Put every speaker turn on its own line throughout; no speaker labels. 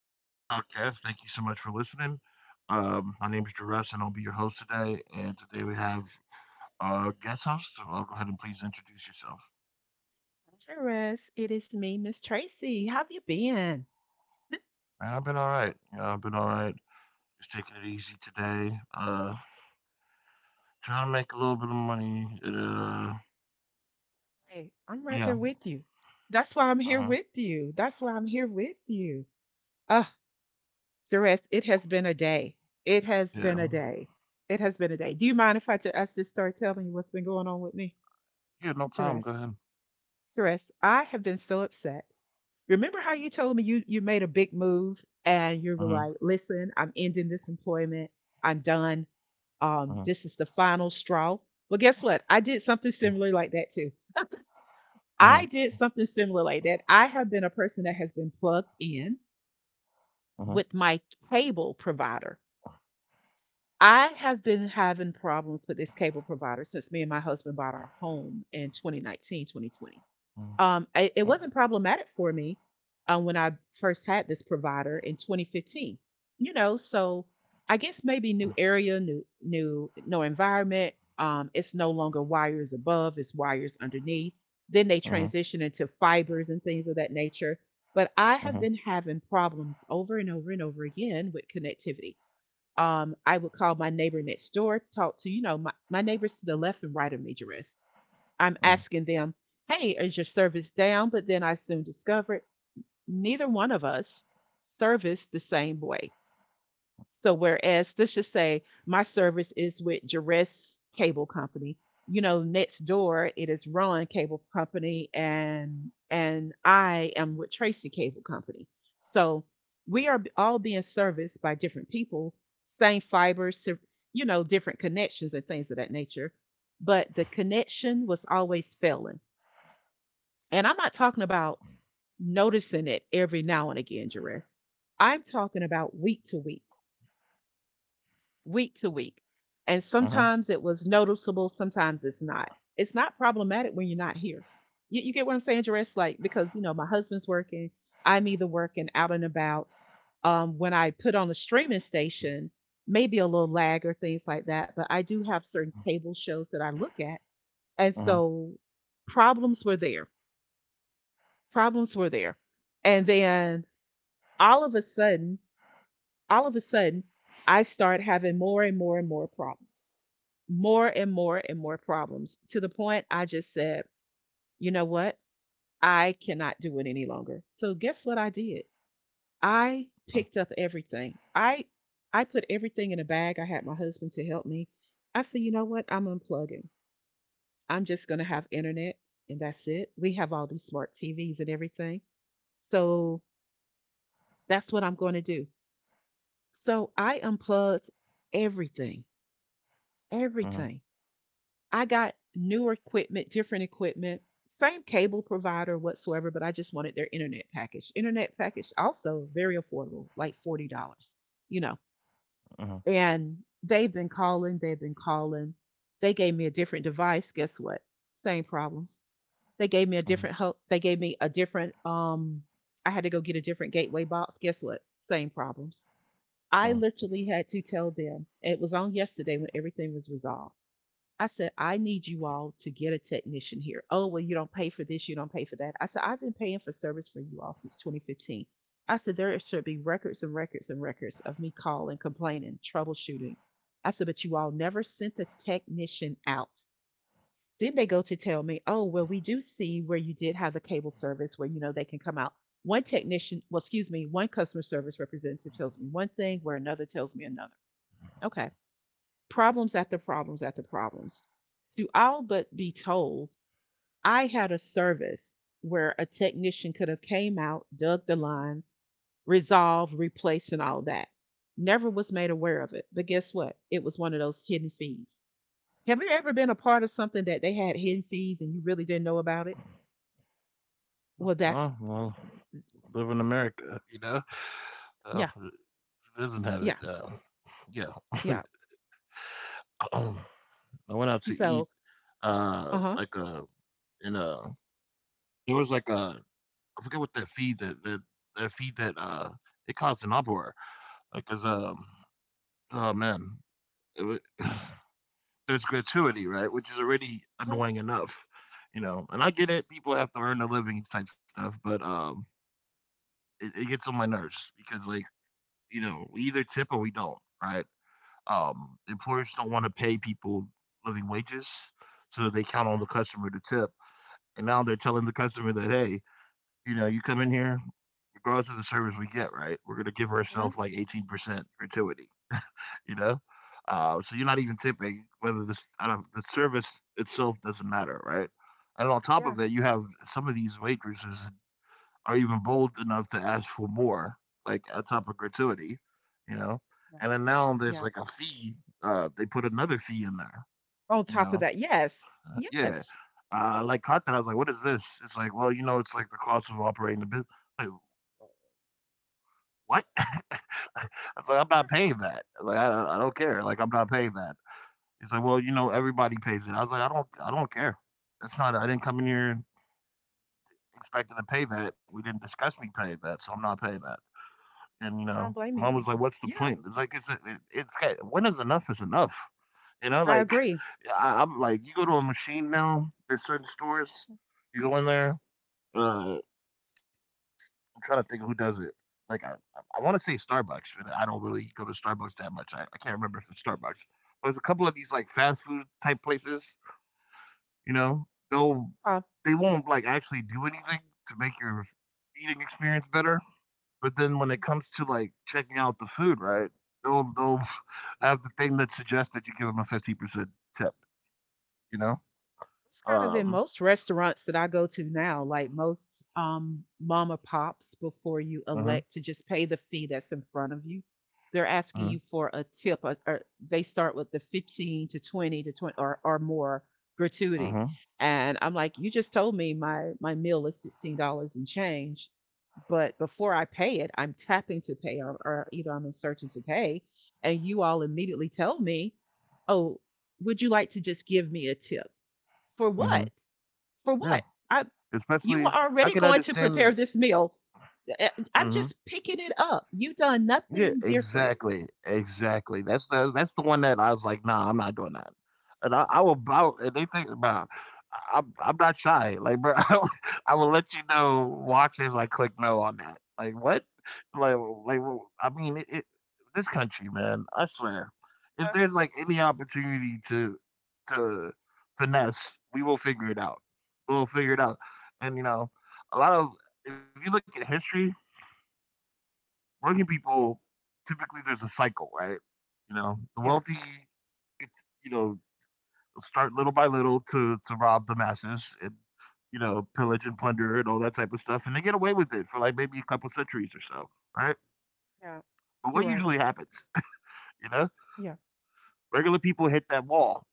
to the podcast. Thank you so much for listening. My name is Jerez, and I'll be your host today. And today we have a guest host. So I'll go ahead and please introduce yourself.
Dangerous. It is me, Miss Tracy. How have you been?
Man, I've been all right. Yeah, I've been all right. Just taking it easy today. Trying to make a little bit of money.
Hey, I'm right
Yeah.
there with you. That's why I'm here
Uh-huh.
with you. That's why I'm here with you. Ah, Jerez, it has been a day. It has
Yeah.
been a day. It has been a day. Do you mind if I just start telling you what's been going on with me?
Yeah. No problem.
Jerez,
Go ahead.
Jerez, I have been so upset. Remember how you told me you made a big move and you were
Uh-huh.
like, "Listen, I'm ending this employment. I'm done.
Uh-huh.
This is the final straw." Well, guess what? I did something similar like that too.
Uh-huh.
I did something similar like that. I have been a person that has been plugged in
Uh-huh.
with my cable provider. I have been having problems with this cable provider since me and my husband bought our home in 2019, 2020.
Uh-huh.
It
Uh-huh.
wasn't problematic for me when I first had this provider in 2015. You know, so I guess maybe new area, new new no environment. It's no longer wires above; it's wires underneath. Then they
Uh-huh.
transition into fibers and things of that nature. But I
Uh-huh.
have
Uh-huh.
been having problems over and over and over again with connectivity. I would call my neighbor next door, talk to my neighbors to the left and right of me, I'm
Uh-huh.
asking them, hey, is your service down? But then I soon discovered neither one of us service the same way. So whereas this should say my service is with Jerez Cable Company, you know, next door it is Ron Cable Company and I am with Tracy Cable Company. So we are all being serviced by different people, same fibers, you know, different connections and things of that nature. But the connection was always failing and I'm not talking about noticing it every now and again, Jerris. I'm talking about week to week, week to week. And
Uh-huh.
sometimes it was noticeable, sometimes it's not. It's not problematic when you're not here. You get what I'm saying, Jerris? Like, because, you know, my husband's working, I'm either working out and about. When I put on a streaming station, maybe a little lag or things like that, but I do have certain cable shows that I look at. And
Uh-huh.
so problems were there. Problems were there. And then all of a sudden, all of a sudden, I start having more and more and more problems, more and more and more problems to the point I just said, you know what? I cannot do it any longer. So guess what I did? I picked up everything. I put everything in a bag. I had my husband to help me. I said, you know what? I'm unplugging. I'm just going to have internet and that's it. We have all these smart TVs and everything. So that's what I'm going to do. So I unplugged everything.
Uh-huh.
Everything. I got newer equipment, different equipment, same cable provider whatsoever, but I just wanted their internet package. Internet package also very affordable, like $40, you know.
Uh-huh.
And they've been calling, they've been calling. They gave me a different device, guess what? Same problems. They gave me a
Uh-huh.
different they gave me a different I had to go get a different gateway box. Guess what? Same problems. I
Mm,
literally had to tell them. It was on yesterday when everything was resolved. I said, I need you all to get a technician here. Oh, well, you don't pay for this, you don't pay for that. I said, I've been paying for service for you all since 2015. I said, there should be records and records and records of me calling, complaining, troubleshooting. I said, but you all never sent a technician out. Then they go to tell me, oh, well, we do see where you did have the cable service where, you know, they can come out. One technician, well, excuse me, one customer service representative tells me one thing where another tells me another. Okay, problems after problems after problems. To all but be told, I had a service where a technician could have came out, dug the lines, resolved, replaced, and all that. Never was made aware of it. But guess what? It was one of those hidden fees. Have you ever been a part of something that they had hidden fees and you really didn't know about it? Well, that's
well, well, live in America, you know. Uh,
yeah,
who doesn't have it.
yeah,
Yeah,
yeah.
um, I went out to eat.
So, uh huh,
Like a in a there was like a I forget what that feed that that that feed that it caused an uproar. Like, cause um oh man, it, wa- there's gratuity, right, which is already
uh-huh,
annoying enough, you know. And I get it, people have to earn a living type stuff, but. It gets on my nerves because, like, you know, we either tip or we don't, right? Employers don't want to pay people living wages, so they count on
uh-huh,
the customer to tip. And now they're telling the customer that, hey, you know, you come in here, regardless of the service we get, right? We're gonna give
uh-huh.
ourselves like 18% gratuity, you know. So you're not even tipping whether the I don't, the service itself doesn't matter, right? And on top
Yeah,
of it, you have some of these waitresses are even bold enough to ask for more, like on top of gratuity, you know.
yeah.
And then now there's
Yeah.
like a fee. They put another fee in there,
On
you
top of
know.
that, yes,
Yeah,
yes,
like caught that. I was like, "What is this?" It's like, well, you know, it's like the cost of operating the business. Like what? I was like, I'm not paying that. Like I don't care. Like I'm not paying that. He's like, well, you know, everybody pays it. I was like, I don't care. That's not. I didn't come in here expecting to pay that. We didn't discuss me paying that, so I'm not paying that. And, you
I
know,
don't blame you.
mom was like, "What's the
Yeah,
point?" It's like it's it, it's got- When is enough is enough. You know,
I
like
agree.
I, I'm like you go to a machine now. There's certain stores you go in there. Uh, I'm trying to think who does it. Like I, I want to say Starbucks, but I don't really go to Starbucks that much. I can't remember if it's Starbucks. There's a couple of these like fast food type places. You know,
Uh,
they won't like actually do anything to make your eating experience better. But then when
yeah,
it comes to, like, checking out the food, right, they'll have the thing that suggests that you give them a 50% tip, you know?
it's kind of in
Um,
most restaurants that I go to now, like most mama pops, before you
uh huh,
elect to just pay the fee that's in front of you, they're asking
uh
you for a tip. Or they start with the 15 to 20 to 20 or more gratuity.
huh.
And I'm like, you just told me my meal is $16 and change. But before I pay it, I'm tapping to pay or either I'm inserting to pay. And you all immediately tell me, oh, would you like to just give me a tip? For
Uh huh.
what? For
Yeah,
what? I you were
especially I
already
can
going to
understand.
prepare this meal. Uh, I'm
Mhm.
just picking it up. You done
Yeah,
nothing different.
exactly, exactly. That's the one that I was like, nah, I'm not doing that. And I will bow. And they think about, I'm not shy. Like, bro, I will let you know. Watches like click no on that. Like what? Well, I mean, this country, man. I swear, if
Uh,
there's like any opportunity to to finesse, we will figure it out. We'll figure it out. And you know, a lot of if you look at history, working people typically there's a cycle, right? You know, the
yeah,
wealthy, it's, you know, start little by little to rob the masses and, you know, pillage and plunder and all that type of stuff, and they get away with it for like maybe a couple centuries or so, right?
yeah.
But what
You're
usually
right.
happens, you know,
Yeah,
regular people hit that wall,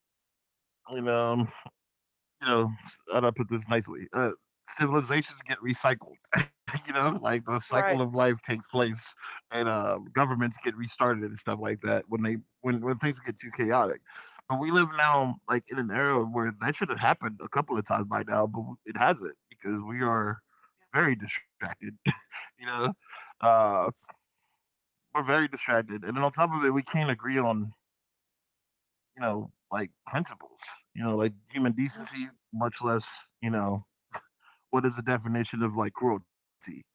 you know, you know, how do I put this nicely? Civilizations get recycled. You know, like the
right.
cycle of life takes place, and governments get restarted and stuff like that when they when things get too chaotic. But we live now like in an era where that should have happened a couple of times by now, but it hasn't because we are very distracted. You know, uh,
That's,
we're very distracted, and then on top of it, we can't agree on, you know, like principles. You know, like human
mhm.
decency, much less, you know, what is the definition of like cruelty, you know?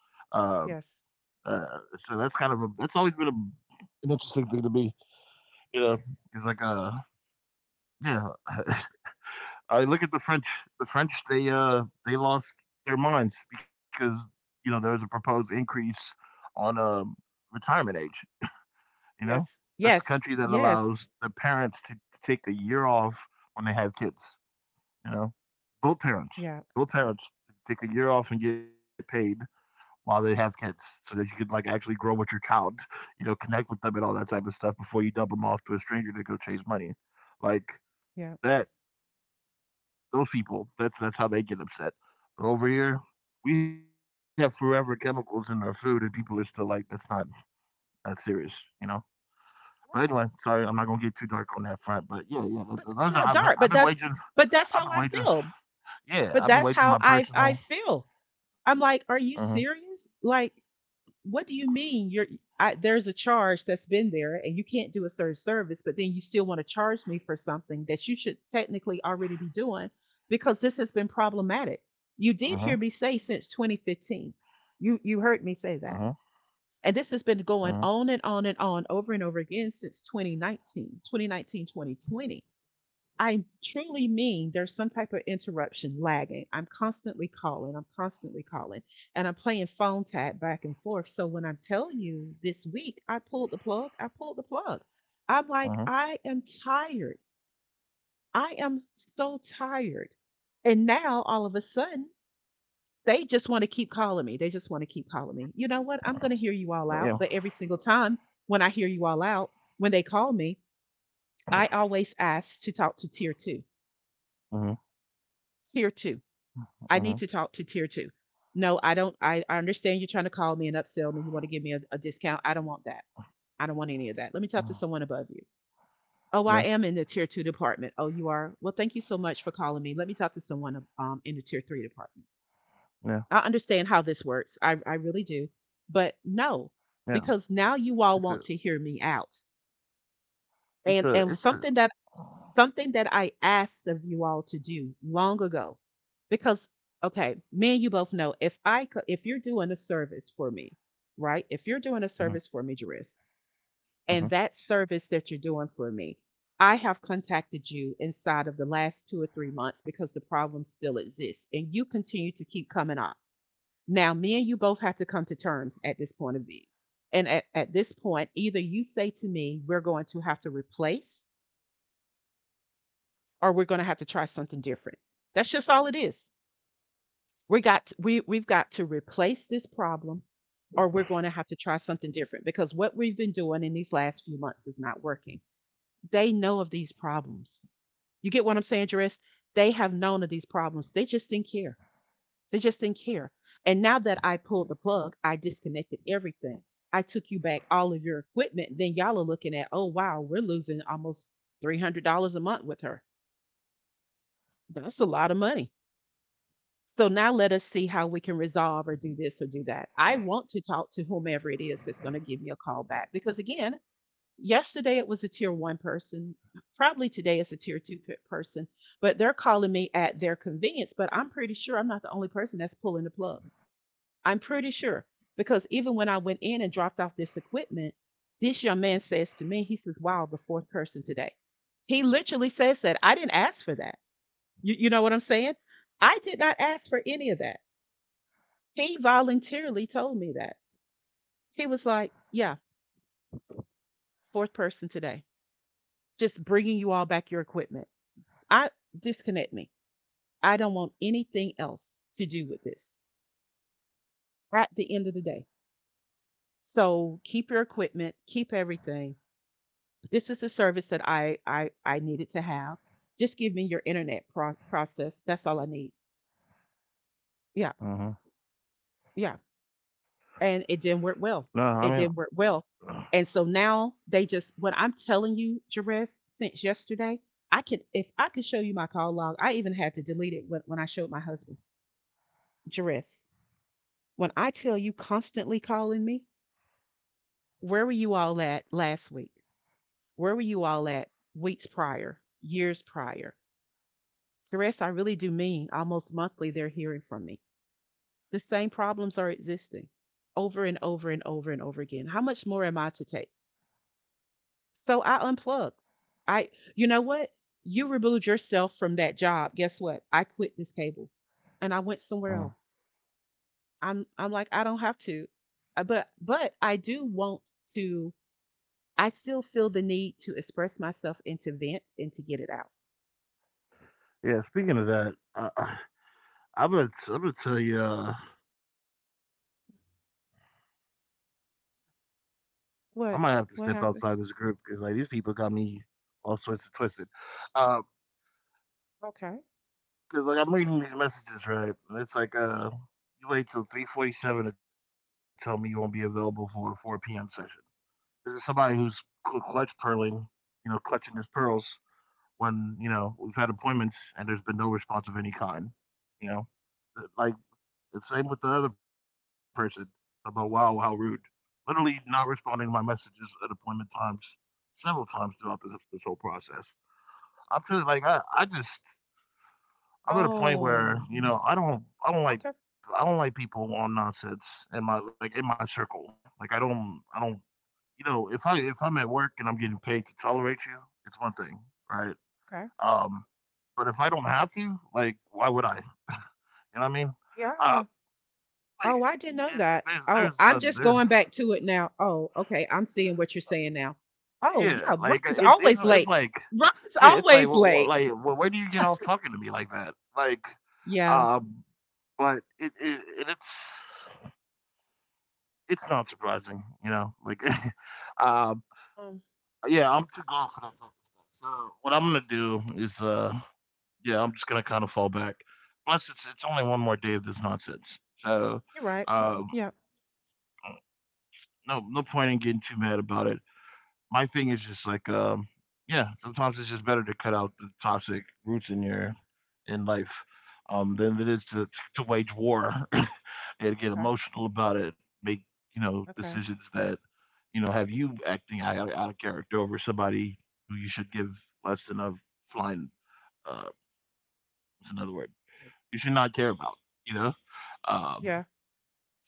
Uh,
Yes,
uh, so that's kind of a that's always been a, an interesting thing to me, you know, because yeah, I look at the French. The French, they lost their minds because, you know, there was a proposed increase on retirement age. You know,
yes,
that's a
yes,
country that
yes.
allows the parents to take a year off when they have kids. You know, both parents,
Yeah,
both parents take a year off and get paid while they have kids, so that you could like actually grow with your child, you know, connect with them and all that type of stuff before you dump them off to a stranger to go chase money. Like
yeah.
that, those people, that's how they get upset. But over here, we have forever chemicals in our food, and people are still like, that's not that serious, you know. But anyway, sorry, I'm not gonna get too dark on that front. But yeah, yeah,
But
those are
that's not dark. But that's
I've been
how I
waging,
feel.
yeah,
But
I've been
that's
waging
how
my
I
personal.
feel.
Uh
I'm
huh.
like, "Are you serious? Like, what do you mean you're there's a charge that's been there and you can't do a certain service, but then you still want to charge me for something that you should technically already be doing because this has been problematic. You did
Uh
hear
huh.
me say since 2015. You
Uh
heard me say that. And this has
huh.
been going on and on and on over and over again since 2019, 2019, 2020. I truly mean there's some type of interruption lagging. I'm constantly calling, and I'm playing phone tag back and forth. So when I tell you this week, I pulled the plug, I pulled the plug.
Uh
I'm
huh.
like, I am tired. I am so tired. And now all of a sudden, they just want to keep calling me. They just want to keep calling me. You know what? I'm going
Oh
to hear
yeah.
you all out. But every single time when I hear you all out, when they call me, I always ask to talk to tier two.
Uh
Tier two. I need
huh.
to talk to tier two. No, I don't. I understand you're trying to call me and upsell me. You want to give me a discount. I don't want that. I don't want any of that. Let
Uh
me talk to someone above you.
huh.
Oh, I am in the tier two department. Oh, you are? Well, thank you so much for calling me. Let me talk to someone in the tier three department.
Yeah,
I understand how this works. I really do. But no,
yeah.
because now
It's a
you all want to hear me out
it's a
and
it's
and
a.
something that I asked of you all to do long ago, because okay, me and you both know if I co- if you're doing a service for me, right? If you're
Mhm,
doing a service for me, Jarice,
mhm,
and that service that you're doing for me, I have contacted you inside of the last 2 or 3 months because the problem still exists, and you continue to keep coming up. Now, me and you both have to come to terms at this point of view. And at this point, either you say to me, we're going to have to replace or we're going to have to try something different. That's just all it is. We we've got to replace this problem or we're going to have to try something different because what we've been doing in these last few months is not working. They know of these problems. You get what I'm saying, Jerris? They have known of these problems. They just didn't care. They just didn't care. And now that I pulled the plug, I disconnected everything. I took you back all of your equipment. Then y'all are looking at, oh, wow, we're losing almost $300 a month with her. That's a lot of money. So now let us see how we can resolve or do this or do that. I want to talk to whomever it is that's going to give me a call back because, again, yesterday it was a tier one person. Probably today it's a tier two person, but they're calling me at their convenience. But I'm pretty sure I'm not the only person that's pulling the plug. I'm pretty sure because even when I went in and dropped off this equipment, this young man says to me, he says, "Wow, the fourth person today." He literally says that. I didn't ask for that. You know what I'm saying? I did not ask for any of that. He voluntarily told me that. He was like, "Yeah, fourth person today. Just bringing you all back your equipment. I disconnect me. I don't want anything else to do with this at the end of the day. So keep your equipment, keep everything. This is a service that I needed to have. Just give me your internet process. That's all I need. Yeah."
mhm.
Yeah. And
No,
it didn't
I
work
mean.
well. It didn't work well. And so now they just what I'm telling you, Jerez, since yesterday, I can if I could show you my call log, I even had to delete it when I showed my husband. Jerez, when I tell you constantly calling me, where were you all at last week? Where were you all at weeks prior, years prior? Jerez, I really do mean almost monthly they're hearing from me. The same problems are existing over and over and over and over again. How much more am I to take? So I unplugged. I, you know what? You removed yourself from that job. Guess what? I quit this cable, and I went somewhere
Mhm.
else. I'm like, I don't have to. But I do want to. I still feel the need to express myself and to vent and to get it out.
Yeah, speaking of that, I'm gonna tell you, I might have to
What,
step
what
outside this
happened?
group because, like, these people got me all sorts of twisted. Uh,
Okay.
Cause like, I'm reading these messages, right, and it's like, "You wait till 3:47 to tell me you won't be available for a 4 p.m. session." This is somebody who's cl clutch pearling, you know, clutching his pearls when, you know, we've had appointments and there's been no response of any kind, you know? Like, the same with the other person about, wow, how rude. Literally not responding to my messages at appointment times several times throughout this whole process. I'm too, like, I just, I'm at a point where,
Oh,
you know,
okay,
I don't like people on nonsense in my, like, in my circle. Like, I don't, you know, if I'm at work and I'm getting paid to tolerate you, it's one thing, right?
okay.
Um, but if I don't have to, like, why would I? You know what I mean? Uh,
Yeah.
like,
Oh, I didn't know that.
there's,
Oh, I'm
no,
just
there,
going back to it now. Oh, okay. I'm seeing what you're saying now. Oh,
yeah,
yeah. Ron's always
it's
late.
like,
Ron's
yeah, it's like,
always
what,
late.
like, where do you get off talking to me like that? Like,
Yeah.
um, but it's not surprising, you know. Like, um,
Um,
yeah, I'm too gone for that type of stuff. So what I'm gonna do is, yeah, I'm just gonna kind of fall back. Plus, it's only one more day of this nonsense. So,
you're right.
uh,
Yeah.
no no point in getting too mad about it. My thing is just like, um, yeah, sometimes it's just better to cut out the toxic roots in your in life, um, than it is to wage war and get
Okay.
emotional about it, make, you know,
Okay.
decisions that, you know, have you acting out, out of character over somebody who you should give less than a flying uh another word. You should not care about, you know? Um,
Yeah.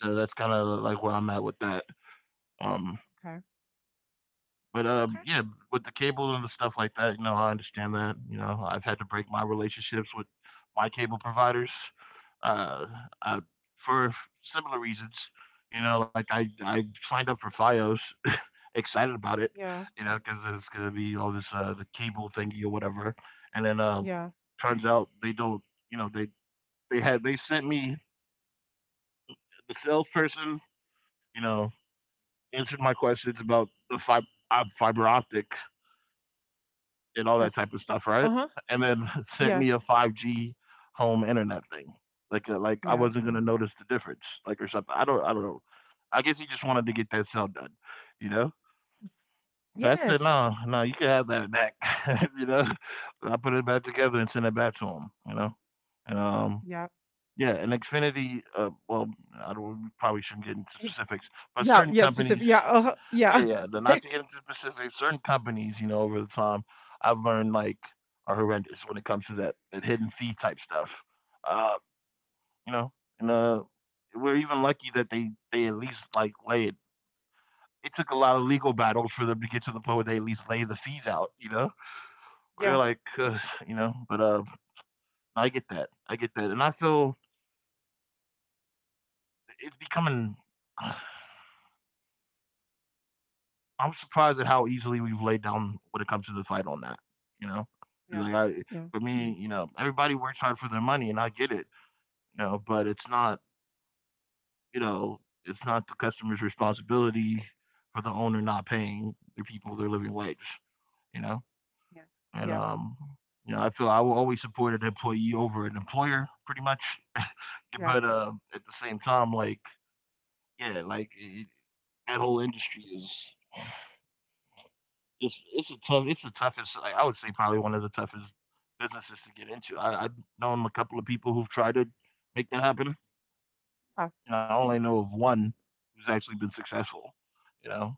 so that's kinda like where I'm at with that. Um,
Okay.
but,
Okay.
yeah, with the cable and the stuff like that, you know, I understand that, you know, I've had to break my relationships with my cable providers, uh, uh, for similar reasons, you know, like I signed up for Fios, excited about it,
Yeah.
you know, because there's gonna be all this, the cable thingy or whatever, and then,
Yeah.
turns out they don't, you know, they sent me the salesperson, you know, answered my questions about the fiber optic and all that
Yes.
type of
Uh
stuff, right?
huh.
And then sent
Yeah.
me a 5G home internet thing. Like I
Yeah.
wasn't gonna notice the difference, like or something. I don't know. I guess he just wanted to get that cell done, you know. So I said,
Yes.
no, no, you can have that back, you know. I put it back together and sent it back to him, you know. And
Yeah.
yeah, and Xfinity, well, I don't, we probably shouldn't get into
y-
specifics, but
Yeah.
certain
Yeah. Specific.
companies
Yeah. Uh huh.
yeah,
Yeah.
yeah, the not to get into specifics, certain companies, you know, over the time I've learned like are horrendous when it comes to that, hidden fee type stuff. Uh, you know, and We're even lucky that they at least like lay it. It took a lot of legal battles for them to get to the point where they at least lay the fees out. You know, we're
Yeah.
like, you know, but I get that, and I feel it's becoming. uh, I'm surprised at how easily we've laid down when it comes to the fight on that. You know, 'Cause,
Yeah.
like I,
Yeah.
for me, you know, everybody works hard for their money, and I get it. You know, but it's not, you know, It's not the customer's responsibility for the owner not paying their people their living wage. You know,
Yeah.
and
Yeah.
um, you know, I feel I will always support an employee over an employer, pretty much.
Yeah.
but at the same time, like, Yeah, that whole industry is it's the toughest I would say probably one of the toughest businesses to get into. I've known a couple of people who've tried to make that happen,
Uh,
and I only know of one who's actually been successful, you know?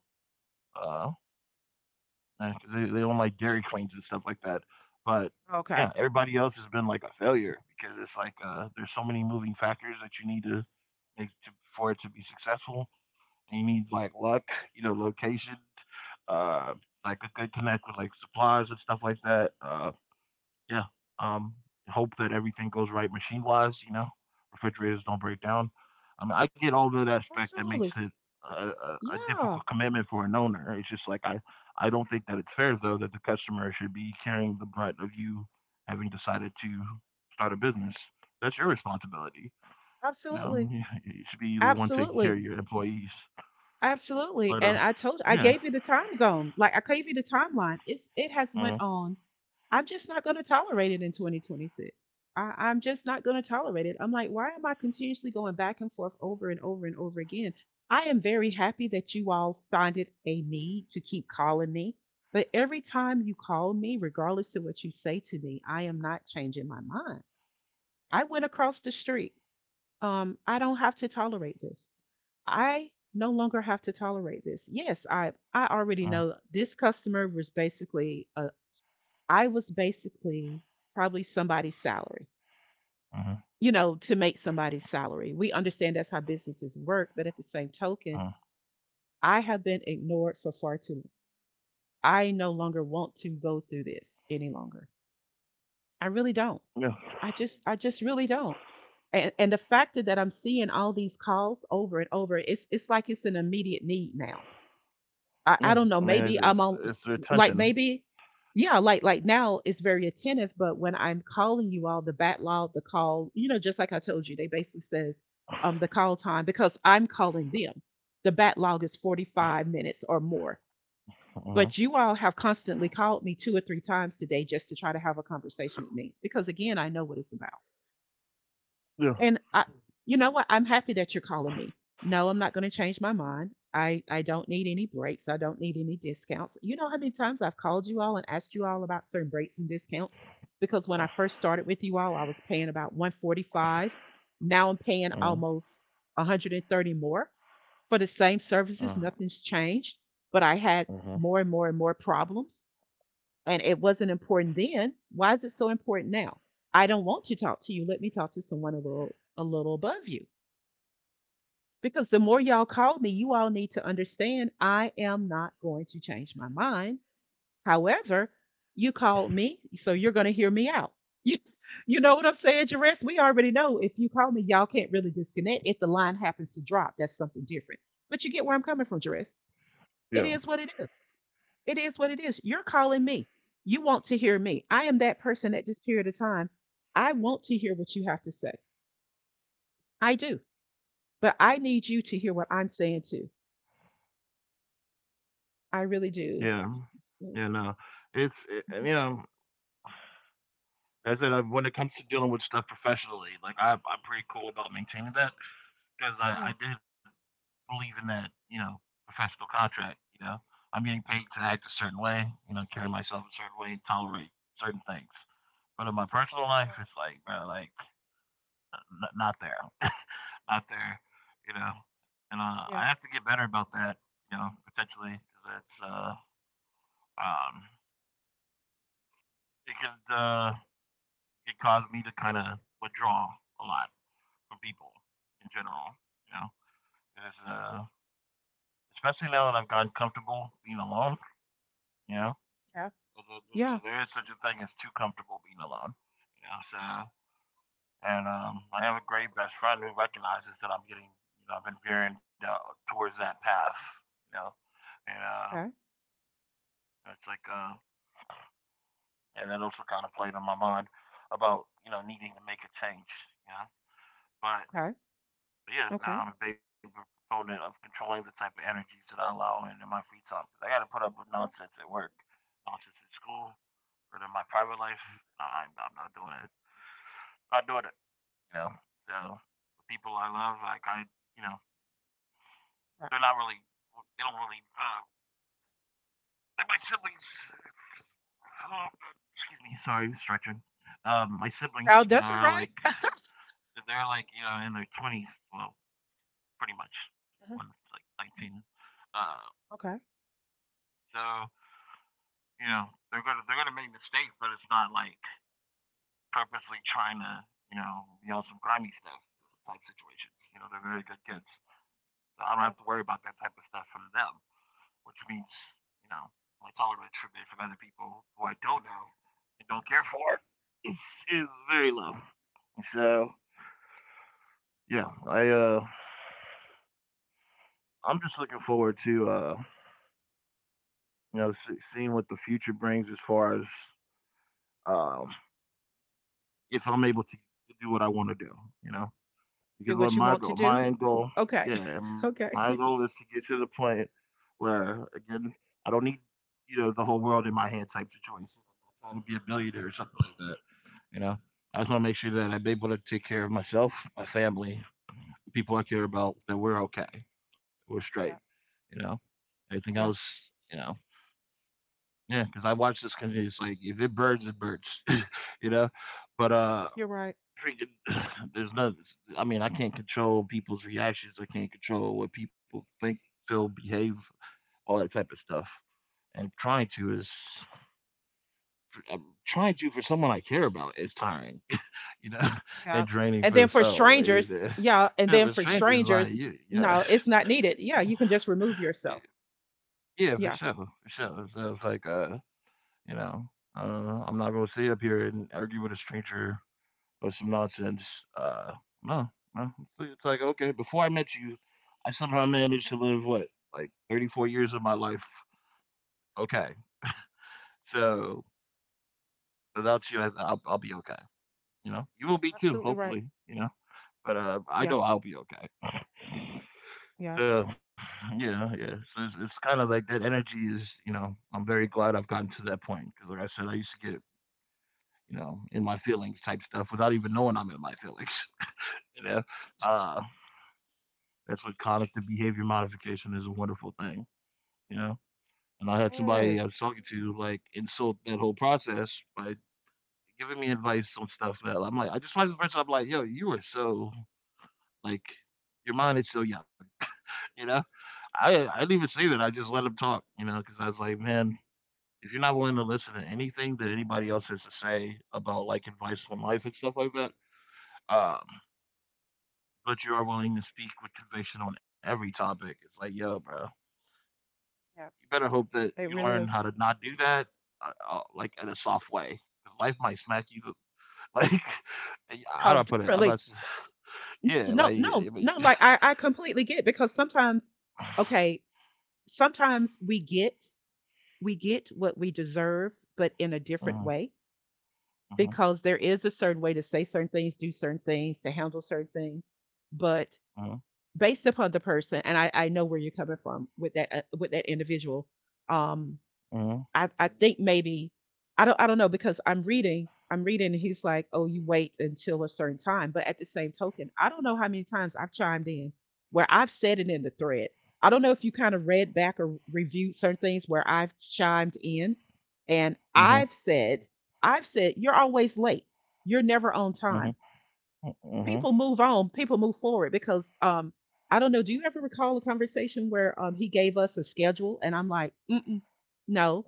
Uh, yeah, 'cause they own, like, Dairy Queens and stuff like that, but,
okay.
yeah, everybody else has been, like, a failure because it's like, there's so many moving factors that you need to make to for it to be successful, and you need, like, luck, you know, location, uh, like, a good connect with, like, suppliers and stuff like that, yeah. Um, Hope that everything goes right machine wise. You know, refrigerators don't break down. I mean, I get all that aspect that makes
Absolutely.
it a
Yeah.
difficult commitment for an owner. It's just like I don't think that it's fair though that the customer should be carrying the brunt of you having decided to start a business. That's your responsibility. You know,
Absolutely.
you should be the one taking care of
Absolutely.
your employees. But
Absolutely, and I
yeah.
gave you the time zone, like, I gave you the timeline. It has went
Uh,
on. I'm just not gonna tolerate it in 2026. I'm just not gonna tolerate it. I'm like, "Why am I continuously going back and forth over and over and over again?" I am very happy that you all find it a need to keep calling me, but every time you call me, regardless of what you say to me, I am not changing my mind. I went across the street. I don't have to tolerate this. I no longer have to tolerate this. Yes, I
uh,
already know this customer was basically I was basically probably somebody's salary.
uh,
You know, to make somebody's salary. We understand that's how businesses work, but at the same
uh.
token, I have been ignored for far too long. I no longer want to go through this any longer. I really don't.
Yeah,
I just really don't. And the fact that I'm seeing all these calls over and over, it's like it's an immediate need now.
yeah.
I
I
don't
mean,
know. Maybe I'm
it's
on,
their tension.
like, maybe, yeah, like now it's very attentive, but when I'm calling you all, the backlog, the call, you know, just like I told you, they basically says the call time because I'm calling them. The backlog is 45 minutes or more.
Uh-huh.
But you all have constantly called me two or three times today just to try to have a conversation with me because, again, I know what it's about. And you know what? I'm happy that you're calling me. No, I'm not going to change my mind. I don't need any breaks. I don't need any discounts. You know how many times I've called you all and asked you all about certain breaks and discounts? Because when I first started with you all, I was paying about 145. Now I'm paying
Mhm,
almost 130 more for the same
Uh
services. Nothing's changed, but I had
mhm.
more and more and more problems, and it wasn't important then. Why is it so important now? I don't want to talk to you. Let me talk to someone a little above you. Because the more y'all call me, you all need to understand I am not going to change my mind. However, you called me, so you're going to hear me out. You, you know what I'm saying, Jerris? We already know if you call me, y'all can't really disconnect. If the line happens to drop, that's something different. But you get where I'm coming from, Jerris.
Yeah,
It is what it is. It is what it is. You're calling me. You want to hear me. I am that person at this period of time. I want to hear what you have to say. I do. But I need you to hear what I'm saying too. I really do.
yeah, yeah, no. And, you know, as I said, when it comes to dealing with stuff professionally, I'm pretty cool about maintaining that because I
Yeah.
did believe in that, you know, professional contract. You know, I'm getting paid to act a certain way, you know, carry myself a certain way, and tolerate certain things. But in my personal life,
Right.
it's like, bro, like, not there, not there, you know. And I
Yeah.
have to get better about that, you know, potentially because that's um it can, it caused me to kind of withdraw a lot from people in general. You know, it's, uh, Especially now that I've gotten comfortable being alone. You know,
Yeah.
so, so
Yeah.
there is such a thing as too comfortable being alone. You know, so and I have a great best friend who recognizes that I'm getting, you know, I've been veering down towards that path. You know, and uh,
Okay.
it's like, uh, and that also kind of played on my mind about needing to make a change. You know, but
Okay.
but yeah,
Okay.
no, I'm a big proponent of controlling the type of energies that I allow in my free time. 'Cause I got to put up with
uh
nonsense at work, nonsense at school, but in my private life, I'm not doing it. I Not doing it. You know. So the people I love, you know,
Right.
they're not really. They don't really. They my siblings. Oh, excuse me. Sorry, stretching. My
Now,
siblings, you know,
that's it,
are like
right?
they're like in their twenties. Well, pretty much. One's
uh
like 19. Uh,
Okay.
so you know, they're gonna make mistakes, but it's not like purposely trying to, you know, be on some grimy stuff type situations. You know, they're very good kids. So I don't have to
Yeah.
worry about that type of stuff from them, which means, you know, my tolerance from other people who I don't know and don't care for is is very low. So yeah, I'm just looking forward to seeing what the future brings as far as um if I'm able to do what I want to do. You know,
Do
because
what you want to do.
my end goal,
Okay.
yeah, my goal
okay.
is to get to the point where again, I don't need the whole world in my hand type situation. I'm not trying to be a billionaire or something like that. You know, I just want to make sure that I'm able to take care of myself, my family, people I care about, that we're okay, we're straight.
Yeah.
You know, everything else,
Yeah.
you know, yeah, because I watch this country. It's like if it burns, it burns. you know, but
You're right.
freaking there's no I mean, I can't control people's reactions. I can't control what people think, feel, behave, all that type of stuff. And trying to is I'm trying to for someone I care about is tiring, you know,
Yeah.
and draining
And
for
then
the
for
soul.
strangers, yeah. And
Yeah,
then
for
for
strangers, like
strangers,
you, yeah,
no, it's not needed. Yeah. You can just remove yourself.
yeah, for
Yeah.
sure, for sure. So it's like, you know, I'm not gonna sit up here and argue with a stranger or some nonsense. Uh, no, no. It's like okay, before I met you, I somehow managed to live what like 34 years of my life. Okay, so without you, I'll be okay. You know, you will be too,
Absolutely right.
hopefully. You know, but I
Yeah.
know I'll be okay.
Yeah.
So yeah, yeah. It's kind of like that energy is, you know, I'm very glad I've gotten to that point because, like I said, I used to get, you know, in my feelings type stuff without even knowing I'm in my feelings. You know, uh, That's what cognitive behavior modification is a wonderful thing, you know? And I had
Yes.
somebody I was talking to, like, insult that whole process by giving me advice on stuff that I'm like, I just find the person, I'm like, yo, you are so, like, your mind is so young, you know? I didn't even say that. I just let him talk, you know, because I was like, man, if you're not willing to listen to anything that anybody else has to say about, like, advice on life and stuff like that, um, but you are willing to speak with conviction on every topic, it's like, yo, bro,
Yeah.
you better hope that
It
you
really
learn
is.
how to not do that, like in a soft way, because life might smack you. Like, how
Oh,
do I put it? I'm not.
differently.
Yeah,
No,
like.
no,
I mean,
no. Like I completely get because sometimes, okay, sometimes we get what we deserve, but in a different
mhm,
way,
mhm,
because there is a certain way to say certain things, do certain things, to handle certain things, but
mhm,
based upon the person. And I know where you're coming from with that individual. Um,
mhm,
I think maybe I don't know because I'm reading. And he's like, "Oh, you wait until a certain time." But at the same token, I don't know how many times I've chimed in where I've said it in the thread. I don't know if you kind of read back or reviewed certain things where I've chimed in and
mhm,
I've said, "You're always late. You're never on
mhm,
time."
mhm,
People move on, people move forward because I don't know, do you ever recall a conversation where he gave us a schedule, and I'm like, "Mm-mm, no,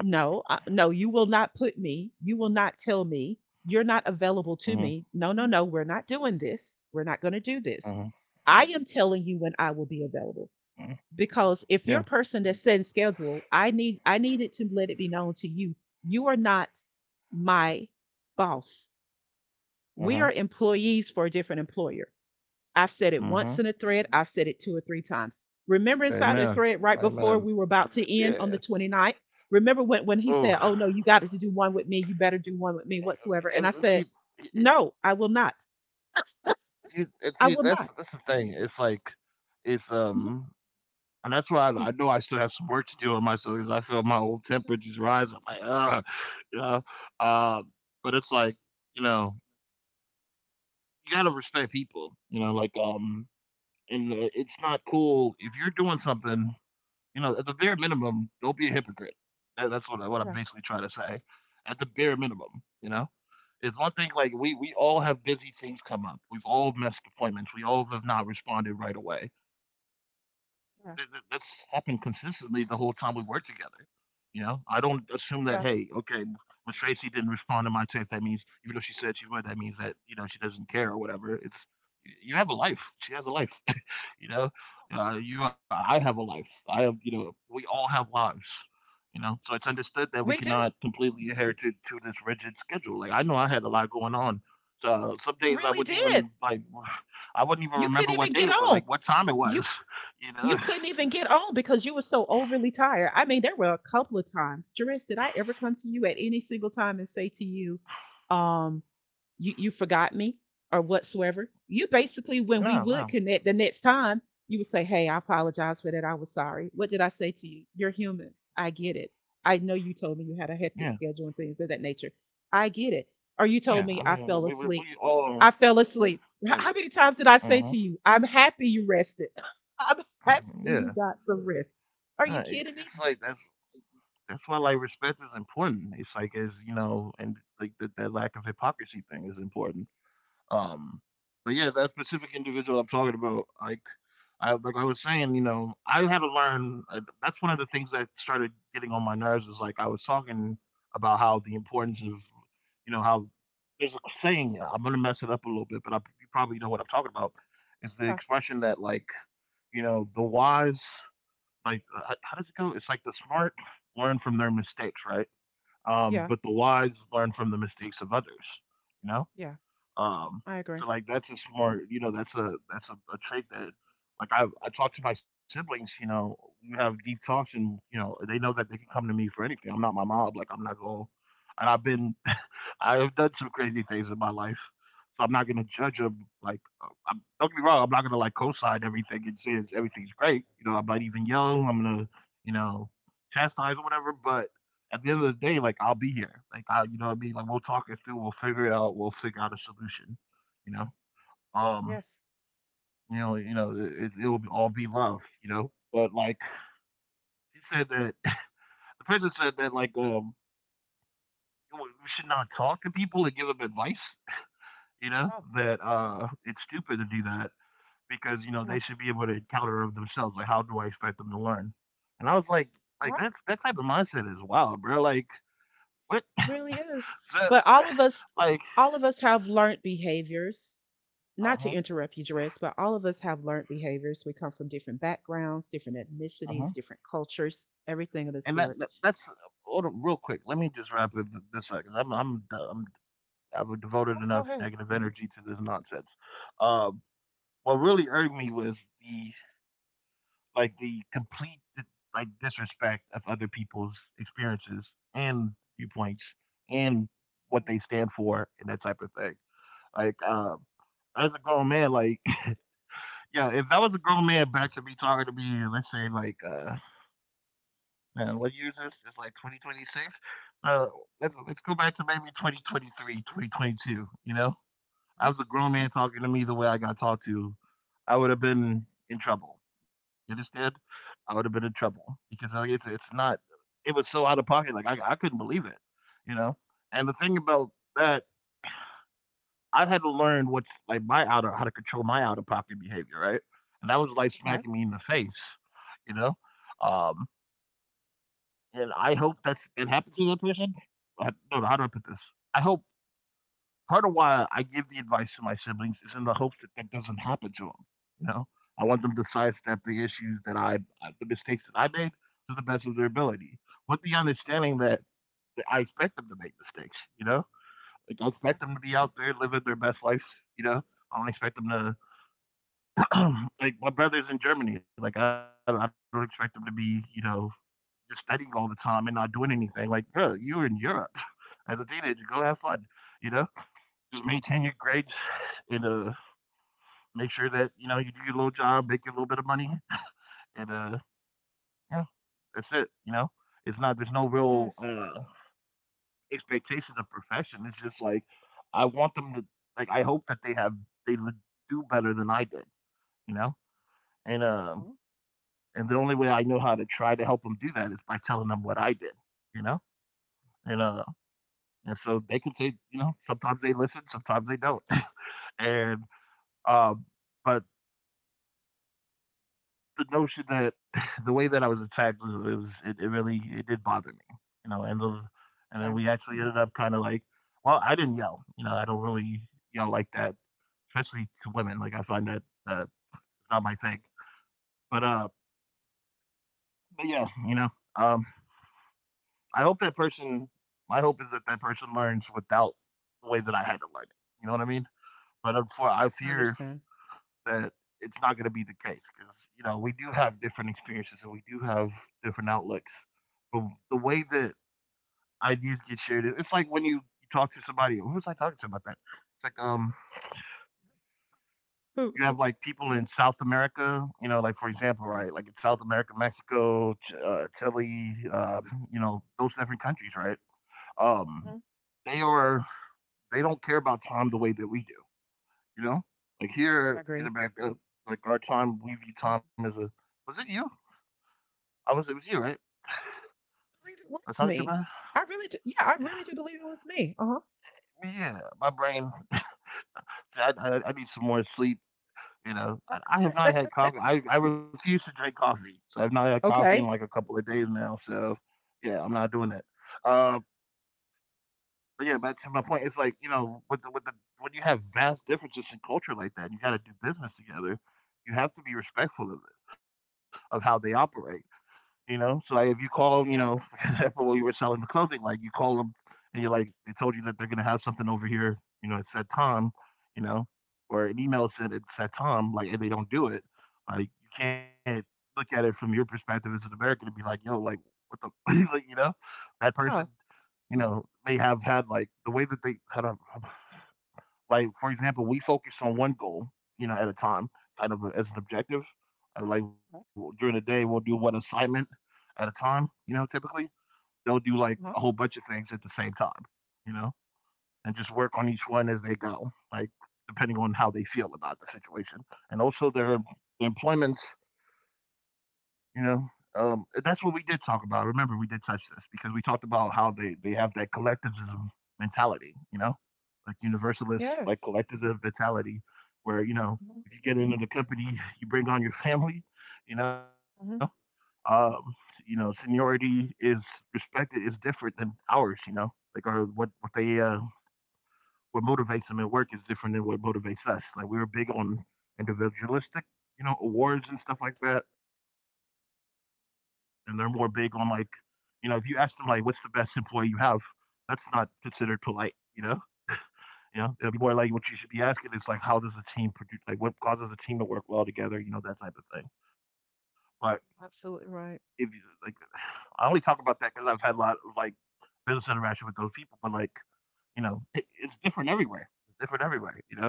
no, no, you will not put me, you will not tell me, you're not available to
mhm,
me. No, no, no, we're not doing this. We're not going to do this.
mhm,
I am telling you when I will be available,
mhm.
because
Yeah.
if you're a person that sends schedule, I needed to let it be known to you, you are not my boss. We
Mhm.
are employees for a different employer." I've said it once
Mhm.
in a thread, I've said it two or three times. Remember
Amen.
inside the thread right
Amen.
before we were about to
Yeah.
end on the twenty ninth. Remember when he
Oh.
said, "Oh no, you got to do one with me, you better do one with me whatsoever." And I
And see,
said,
y- y-
"No, I will not.
you, and
I
see,
will not."
that's the thing. It's like, it's
Mhm.
and that's why I know I still have some work to do on myself because I feel my old temper just rise. I'm like, ah, you know. Uh, but it's like, you know, you gotta respect people. You know, like, and it's not cool if you're doing something. You know, at the bare minimum, don't be a hypocrite. That's what what I'm
Yeah,
basically trying to say. At the bare minimum, you know, it's one thing. Like we all have busy things come up. We've all missed appointments. We all have not responded right away.
yeah,
That's happened consistently the whole time we've worked together. You know, I don't assume
yeah.
that, hey, okay, Miss Tracy didn't respond to my text. That means, even though she said she would, that means that, you know, she doesn't care or whatever. It's, you have a life. She has a life, you know? I have a life. I have, you know, we all have lives, you know? So it's understood that we
We do.
cannot completely adhere to this rigid schedule. Like, I know I had a lot going on. So some
You
days I
really
wouldn't
did.
even, like, I wouldn't even
You couldn't
remember
even
what day
get
it was,
on.
like, what time it
You
was, you
you
know?
couldn't even get on because you were so overly tired. I mean, there were a couple of times. Jerris, did I ever come to you at any single time and say to you, um, you forgot me or whatsoever? You basically, when we
No,
would
no.
connect the next time, you would say, "Hey, I apologize for that. I was sorry." What did I say to you? You're human. I get it. I know you told me you
Yeah.
had a hectic schedule and things of that nature. I get it. Or
Yeah,
you
I
told
mean,
me I fell
we
asleep.
all
I fell asleep.
yeah,
How many times did I say
uh
to you, "I'm happy you rested?" I'm happy you
yeah.
got some rest. Are you
No,
kidding me?
it's like that's why like respect is important. It's like, as you know, and like that lack of hypocrisy thing is important. Um, but yeah, that specific individual I'm talking about, like I was saying, you know, I had to learn. That's one of the things that started getting on my nerves. Is like I was talking about how the importance of, you know, how there's a saying. I'm gonna mess it up a little bit, but I, you probably know what I'm talking about. Is the
Yeah,
expression that, like, you know, the wise, like how does it go? It's like the smart learn from their mistakes, right?
yeah,
But the wise learn from the mistakes of others. You know.
yeah.
um,
I agree.
so like that's a smart, you know, that's a trait that like I talk to my siblings, you know, we have deep talks and you know, they know that they can come to me for anything. I'm not my mob, like I'm not going and I've been I have done some crazy things in my life, so I'm not gonna judge them. Like, I'm, don't get me wrong, I'm not gonna like co-sign everything and say it's- everything's great. You know, I might even yell. I'm gonna, you know, chastise or whatever. But at the end of the day, like, I'll be here. Like, I, you know, what I mean, like, we'll talk it through. We'll figure it out. We'll figure out a solution. You know, um,
Yes.
you know, it'll all be love. You know, but like she said that the person said that like we should not talk to people and give them advice, you know,
Oh,
that it's stupid to do that because, you know, they
yeah.
should be able to encounter of themselves. Like, how do I expect them to learn? And I was like
Right.
that's that type of mindset is wild, bro. Like, what?
Really is.
So,
But
like,
all of us have learned behaviors. Not to
uh-huh,
interrupt you, Jerez, but all of us have learned behaviors. We come from different backgrounds, different
uh-huh.
ethnicities, different cultures, everything of the
And
sort.
that's hold on real quick, let me just wrap it this up because I'm, I'm I've
No,
devoted
go
enough
ahead.
negative energy to this nonsense. um what really irked me was the, like, the complete, like, disrespect of other people's experiences and viewpoints and what
Mm,
they stand for and that type of thing. Like, as a grown man, like, yeah, if that was a grown man back to me talking to me, let's say like man, what year is this? It's like 2026. Uh let's go back to maybe 2023, 2022. You know? I
okay.
was a grown man talking to me the way I got talked to, I would have been in trouble. You understand? I would have been in trouble because like, it's not. It was so out of pocket. Like I couldn't believe it. You know. And the thing about that, I had to learn what's like my out of how to control my out of pocket behavior, right? And that was like
Okay.
smacking me in the face. You know. Um. And I hope that's it happens to that person. I, no, no, how do I put this? I hope part of why I give the advice to my siblings is in the hopes that that doesn't happen to them. You know, I want them to sidestep the issues that I, the mistakes that I made to the best of their ability, with the understanding that I expect them to make mistakes. You know, like I
Yeah.
expect them to be out there living their best life. You know, I don't expect them to like my brother's in Germany. Like I don't expect them to be, you know, just studying all the time and not doing anything. Like bro, you were in Europe as a teenager. Go have fun. You know, just maintain your grades and make sure that, you know, you do your little job, make your little bit of money, and, yeah, that's it, you know? It's not, there's no real,
Yes.
expectation of perfection. It's just like, I want them to, like, I hope that they have they l do better than I did, you know? And, um,
Oh,
and the only way I know how to try to help them do that is by telling them what I did, you know? And,
yeah.
uh, and so they can say, you know, sometimes they listen, sometimes they don't. And, um, but the notion that, the way that I was attacked was, it really, it did bother me, you know.
Okay.
And then we actually ended up kind of like, well, I didn't yell, you know. I don't really yell like that, especially to women. Like I find that not my thing. But uh, but yeah, you know, um, I hope that person. My hope is that that person learns without the way that I had to learn it. You know what I mean? But
I
for I
understand.
fear that it's not going to be the case because, you know, we do have different experiences and we do have different outlooks. But the way that ideas get shared, it's like when you talk to somebody. Who was I talking to about that? It's like, you
Who-
have like people in South America. You know, like for example, right? Like in South America, Mexico, Chile. You know, those different countries, right? Um,
Mm-hmm.
they are they don't care about time the way that we do. You know, like
I
here in
agree.
America, like our time, we view
Mhm.
time as a was it you? I was it was you, right?
I believe it
I was
was
talking to you
me.
about.
I really do. Yeah, I
It?
really do believe it was me. Uh
Yeah, my brain. I need some more sleep. You know,
huh.
I have not had coffee. I refuse to drink coffee, so I've not had coffee in like a
Okay.
couple of days now. So, yeah, I'm not doing that. Uh, but yeah, back to my point. It's like, you know, with the when you have vast differences in culture like that, you got to do business together. You have to be respectful of it, of how they operate. You know, so like if you call, you know,
Yeah.
for example, when you were selling the clothing, like you call them and you're like, they told you that they're gonna have something over here, you know, it's said time, you know, or an email said it's said time, like, and they don't do it, like you can't look at it from your perspective as an American and be like, yo, like what the, like, you know, that person,
Yeah.
you know, may have had like the way that they had a like, for example, we focus on one goal, you know, at a time, kind of as an objective. Like
Uh
during the day, we'll do one assignment at a time. You know, typically they'll do like
huh.
a whole bunch of things at the same time. You know, and just work on each one as they go, like depending on how they feel about the situation, and also their employments. You know, that's what we did talk about. Remember, we did touch this because we talked about how they have that collectivism mentality. You know, like
Yes.
universalist, like collectivist mentality, where,
Mhm.
you know, if you get into the company, you bring on your family. You know, um, you know, seniority is respected is different than ours. You know, like our what they what motivates them at work is different than what motivates us. Like we were big on individualistic, you know, awards and stuff like that, and they're more big on like, you know, if you ask them like, what's the best employee you have, that's not considered polite. You know, you know, it'll be more like what you should be asking is like, how does the team produce? Like, what causes the team to work well together? You know, that type of thing. But if you
Absolutely
like,
right.
I only talk about that because I've had a lot of like business interaction with those people. But like, you know, it's different everywhere. It's different everywhere. You know,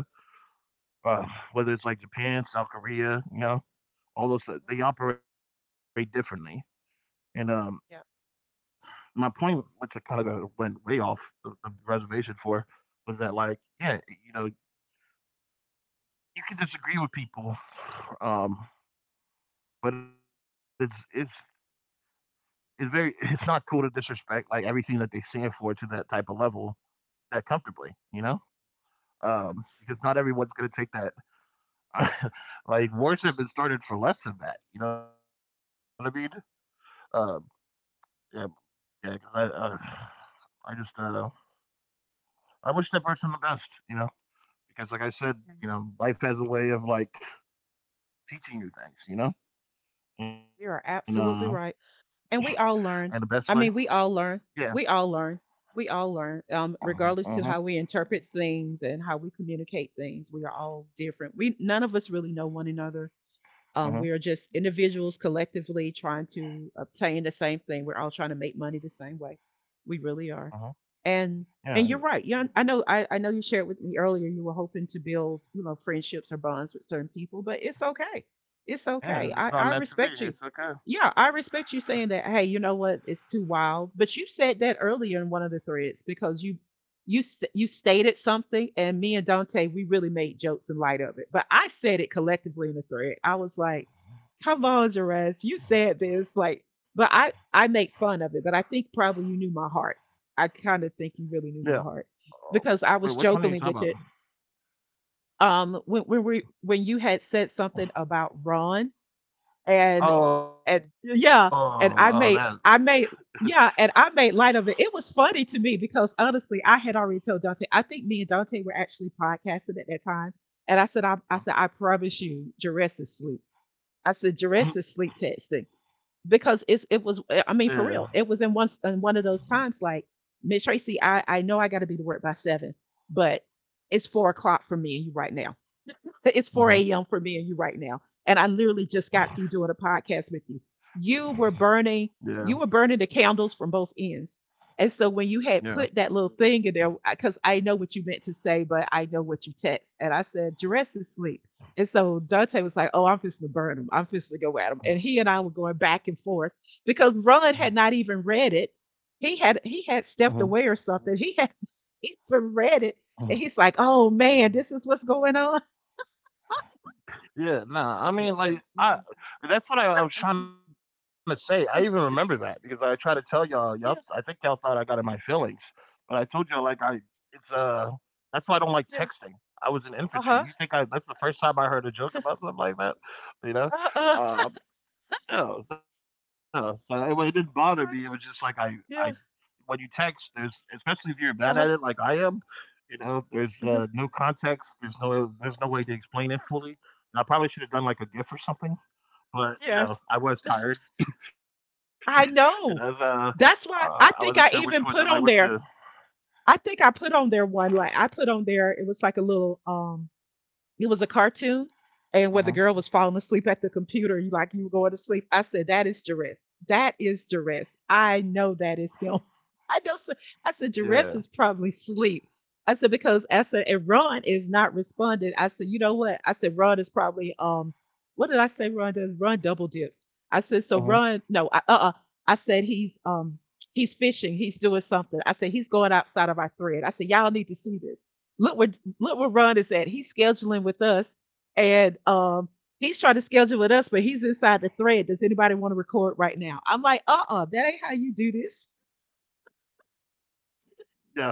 uh,
Yes.
whether it's like Japan, South Korea, you know, all those
Well,
they operate differently. And
yeah.
my point, which I kind of went way off the reservation for, was that like, yeah, you know, you can disagree with people. um, But it's very it's not cool to disrespect, like, everything that they stand for to that type of level that comfortably, you know?
Yes.
Because not everyone's gonna take that. Like, worship is started for less than that, you know what I mean? Um, yeah, yeah. Because I just, I wish that person the best, you know? Because like I said,
Yeah,
you know, life has a way of, like, teaching you things, you know? And,
you
uh,
are absolutely right.
and
And
the
we all
best way,
learn. I mean, we all
yeah.
learn. We all learn. We all learn.
Uh huh.
Regardless to how we interpret things and how we communicate things, we are all different. We, none of us really know one another.
Uh huh.
We are just individuals collectively trying to obtain the same thing. We're all trying to make money the same way. We
Uh huh.
really are. And
Yeah,
you're right. Yeah, I know. I know you shared with me earlier. You were hoping to build, friendships or bonds with certain people, but it's okay. It's
yeah,
okay. I
it's not
I
meant to be.
respect you.
It's okay.
Yeah, I respect you saying that. Hey, you know what? It's too wild. But you said that earlier in one of the threads because you you stated something, and me and Dante we really made jokes in light of it. But I said it collectively in the thread. I was like, "Come on, Jerez, you said this." Like, but I make fun of it. But I think probably you knew my heart. I kind of think
Yeah.
you really knew my heart
Oh, wait, which
because
one
I
are you
was
talking about?
jokingly with it. When you had said something about Ron,
Oh,
and and
oh, that.
yeah, and I made yeah, and I made light of it. It was funny to me because honestly, I had already told Dante. I think me and Dante were actually podcasting at that time, and I said, I said, I promise you, Jerez is sleep. I said,
Mm.
Jerez is sleep testing because it
Yeah.
was. I mean, for real, it was in one of those times like Miss Tracy. I know I got to be to work by seven, but it's 4 o'clock for me right now, it's
Hmm.
4 a.m. for me and you right now. And I literally just got through doing a podcast with you. You were
Yeah.
burning, you were burning the candles from both ends. And so when
Yeah.
you had put that little thing in there, because I know what you meant to say, but I know what you text. And I said, Jerez is asleep. And so Dante was like, oh, I'm just going to burn him. I'm just going to go at him. And he and I were going back and forth because Ron had not even read it. He had he
Mm-hmm.
had stepped away or something. He had even read it. And he's like, oh man, this is what's going on.
Yeah. Nah. I mean, like, I. that's what I was trying to say. I even remember that because I tried to tell y'all. Y'all, I think y'all
Yeah,
thought I got in my feelings, but I told y'all like I. It's that's why I don't like
yeah.
texting. I was in
Uh-huh.
infantry. You think I? That's the first time I heard a joke about something like that.
Uh
You
uh.
know. Uh, No, no, so it didn't bother
Like,
me, it was just like I
yeah.
I when you text, there's, especially if you're
Uh-huh.
bad at it like I am, you know,
Uh-huh.
there's, no context, there's no way to explain it fully, and I probably should have done, like, a GIF or something,
Yes.
but, you know, I was tired,
I know.
you know, so,
That's why I think
I
I
wasn't
even
sure which
put
one
on
to like,
there.
what to.
I think I put on there one, like I put on there, it was like a little it was a cartoon, and where the girl was falling asleep
Mhm,
at the computer, you like you were going to sleep. I said, "That is duress. That is duress. I know that is him." I know. I said, "Duress is
yeah,
probably sleep." I said because I said, and Ron is not responding. I said, you know what? I said Ron is probably what did I say? Ron double dips. I said so. Ron, no, I, uh-uh.
mhm,
I said he's he's fishing. He's doing something. I said he's going outside of our thread. I said y'all need to see this look where look where Ron is at. He's scheduling with us, and he's trying to schedule with us, but he's inside the thread. Does anybody want to record right now? I'm like, that ain't how you do this.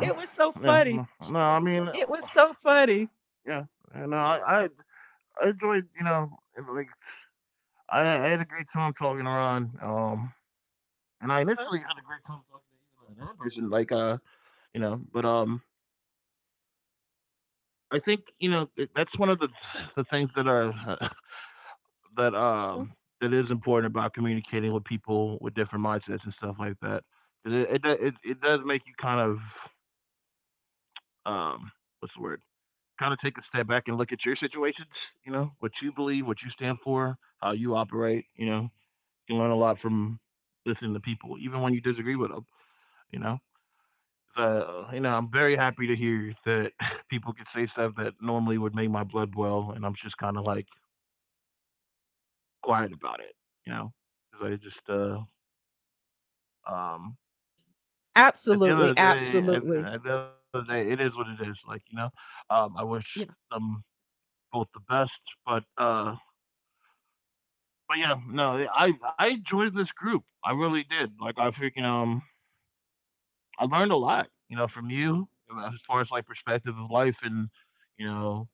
It was so
yeah,
funny.
no, no,
It was so funny.
yeah, and, uh, I I I enjoyed, you know, and, like, I had a great time talking around. And I initially had a great time talking to you and another person, like, you know, but I think you know that's one of the things that are, that
Uh-huh.
that is important about communicating with people with different mindsets and stuff like that. 'Cause it, it does make you kind of, um what's the word? Kind of take a step back and look at your situations. You know what you believe, what you stand for, how you operate. You know, you can learn a lot from listening to people, even when you disagree with them. You know. You know, I'm very happy to hear that people can say stuff that normally would make my blood boil, and I'm just kind of like quiet about it, you know, because I just, um, at the end
Absolutely,
of the day,
absolutely.
at the end of the day, it is what it is. Like, you know, I wish
Yeah,
them both the best, but, uh, but yeah, no, I enjoyed this group. I really did. Like, I freaking, I learned a lot, you know, from you as far as like perspective of life and, you know,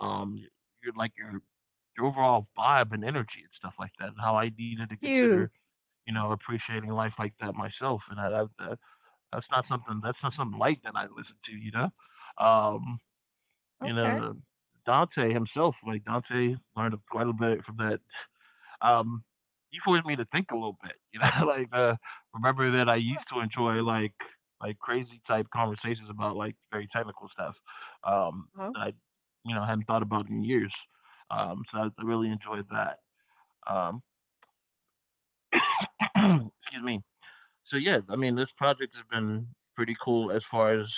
um, you're like your overall vibe and energy and stuff like that, and how I needed to consider,
you
you know, appreciating life like that myself. And I, that's not something, that's not something light that I listen to, you know. Um, you
okay?
know, Dante himself, like Dante, learned quite a bit from that. Um, he forced me to think a little bit, you know, like, remember that I used to enjoy like crazy type conversations about like very technical stuff, um,
Uh-huh.
that I, you know, hadn't thought about in years. So I really enjoyed that. Um, excuse me. So yeah, I mean, this project has been pretty cool as far as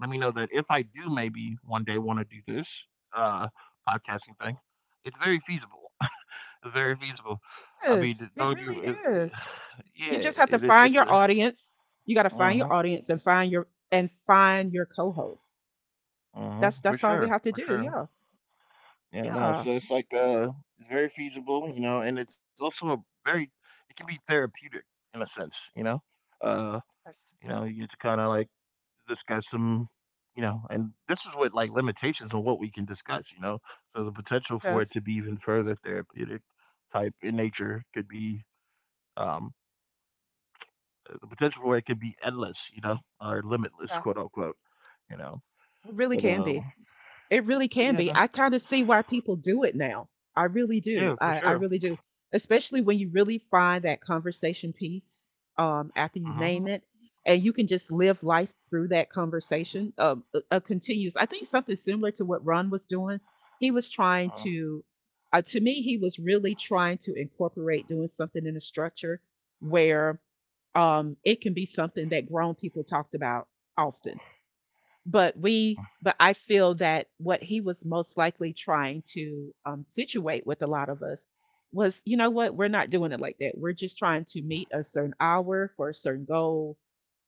let me know that if I do maybe one day want to do this, uh, podcasting thing, it's very feasible. Very feasible. I mean,
Yes, it
don't you?
really
It,
is. You just
yeah,
have
it
to
is. It's
find
a.
your audience. You got to find
uh
your audience and find your co-hosts.
uh,
That's
for
that's all we
sure,
have to
for
do.
sure.
Yeah,
Yeah, no.
yeah.
So it's like, it's very feasible, you know, and it's also a very, it can be therapeutic in a sense, you know. Uh,
Yes,
You know, you get to kind of like discuss some, you know, and this is what like limitations on what we can discuss, you know. So the potential for it
yes.
to be even further therapeutic type in nature could be, um the potential for it could be endless, you know, or limitless,
Yeah.
quote unquote, you know.
It really
But
can be. It really can
yeah,
be.
no,
I kind of see why people do it now. I really do.
yeah, for
I
sure.
really do. Especially when you really find that conversation piece, after
Uh
you
huh.
name it, and you can just live life through that conversation. A continuous. I think something similar to what Ron was doing. He was trying
Uh
to me, he was really trying to incorporate doing something in a structure where, it can be something that grown people talked about often, but we but I feel that what he was most likely trying to, situate with a lot of us was, "You know what? We're not doing it like that. We're just trying to meet a certain hour for a certain goal."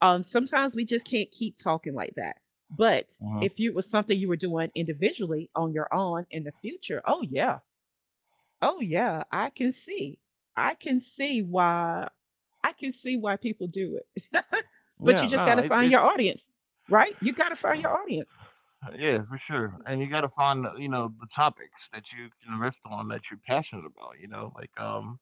Sometimes we just can't keep talking like that. But
huh.
if it was something you were doing individually on your own in the future, oh, yeah. Oh, yeah, I can see. I can see why, I can see why people do it. But you
Yeah,
just
no,
gotta find your
it's
audience, right? You gotta find your audience.
Yeah, for sure. And you got to find, you know, the topics that you can riff on that you're passionate about, you know, like,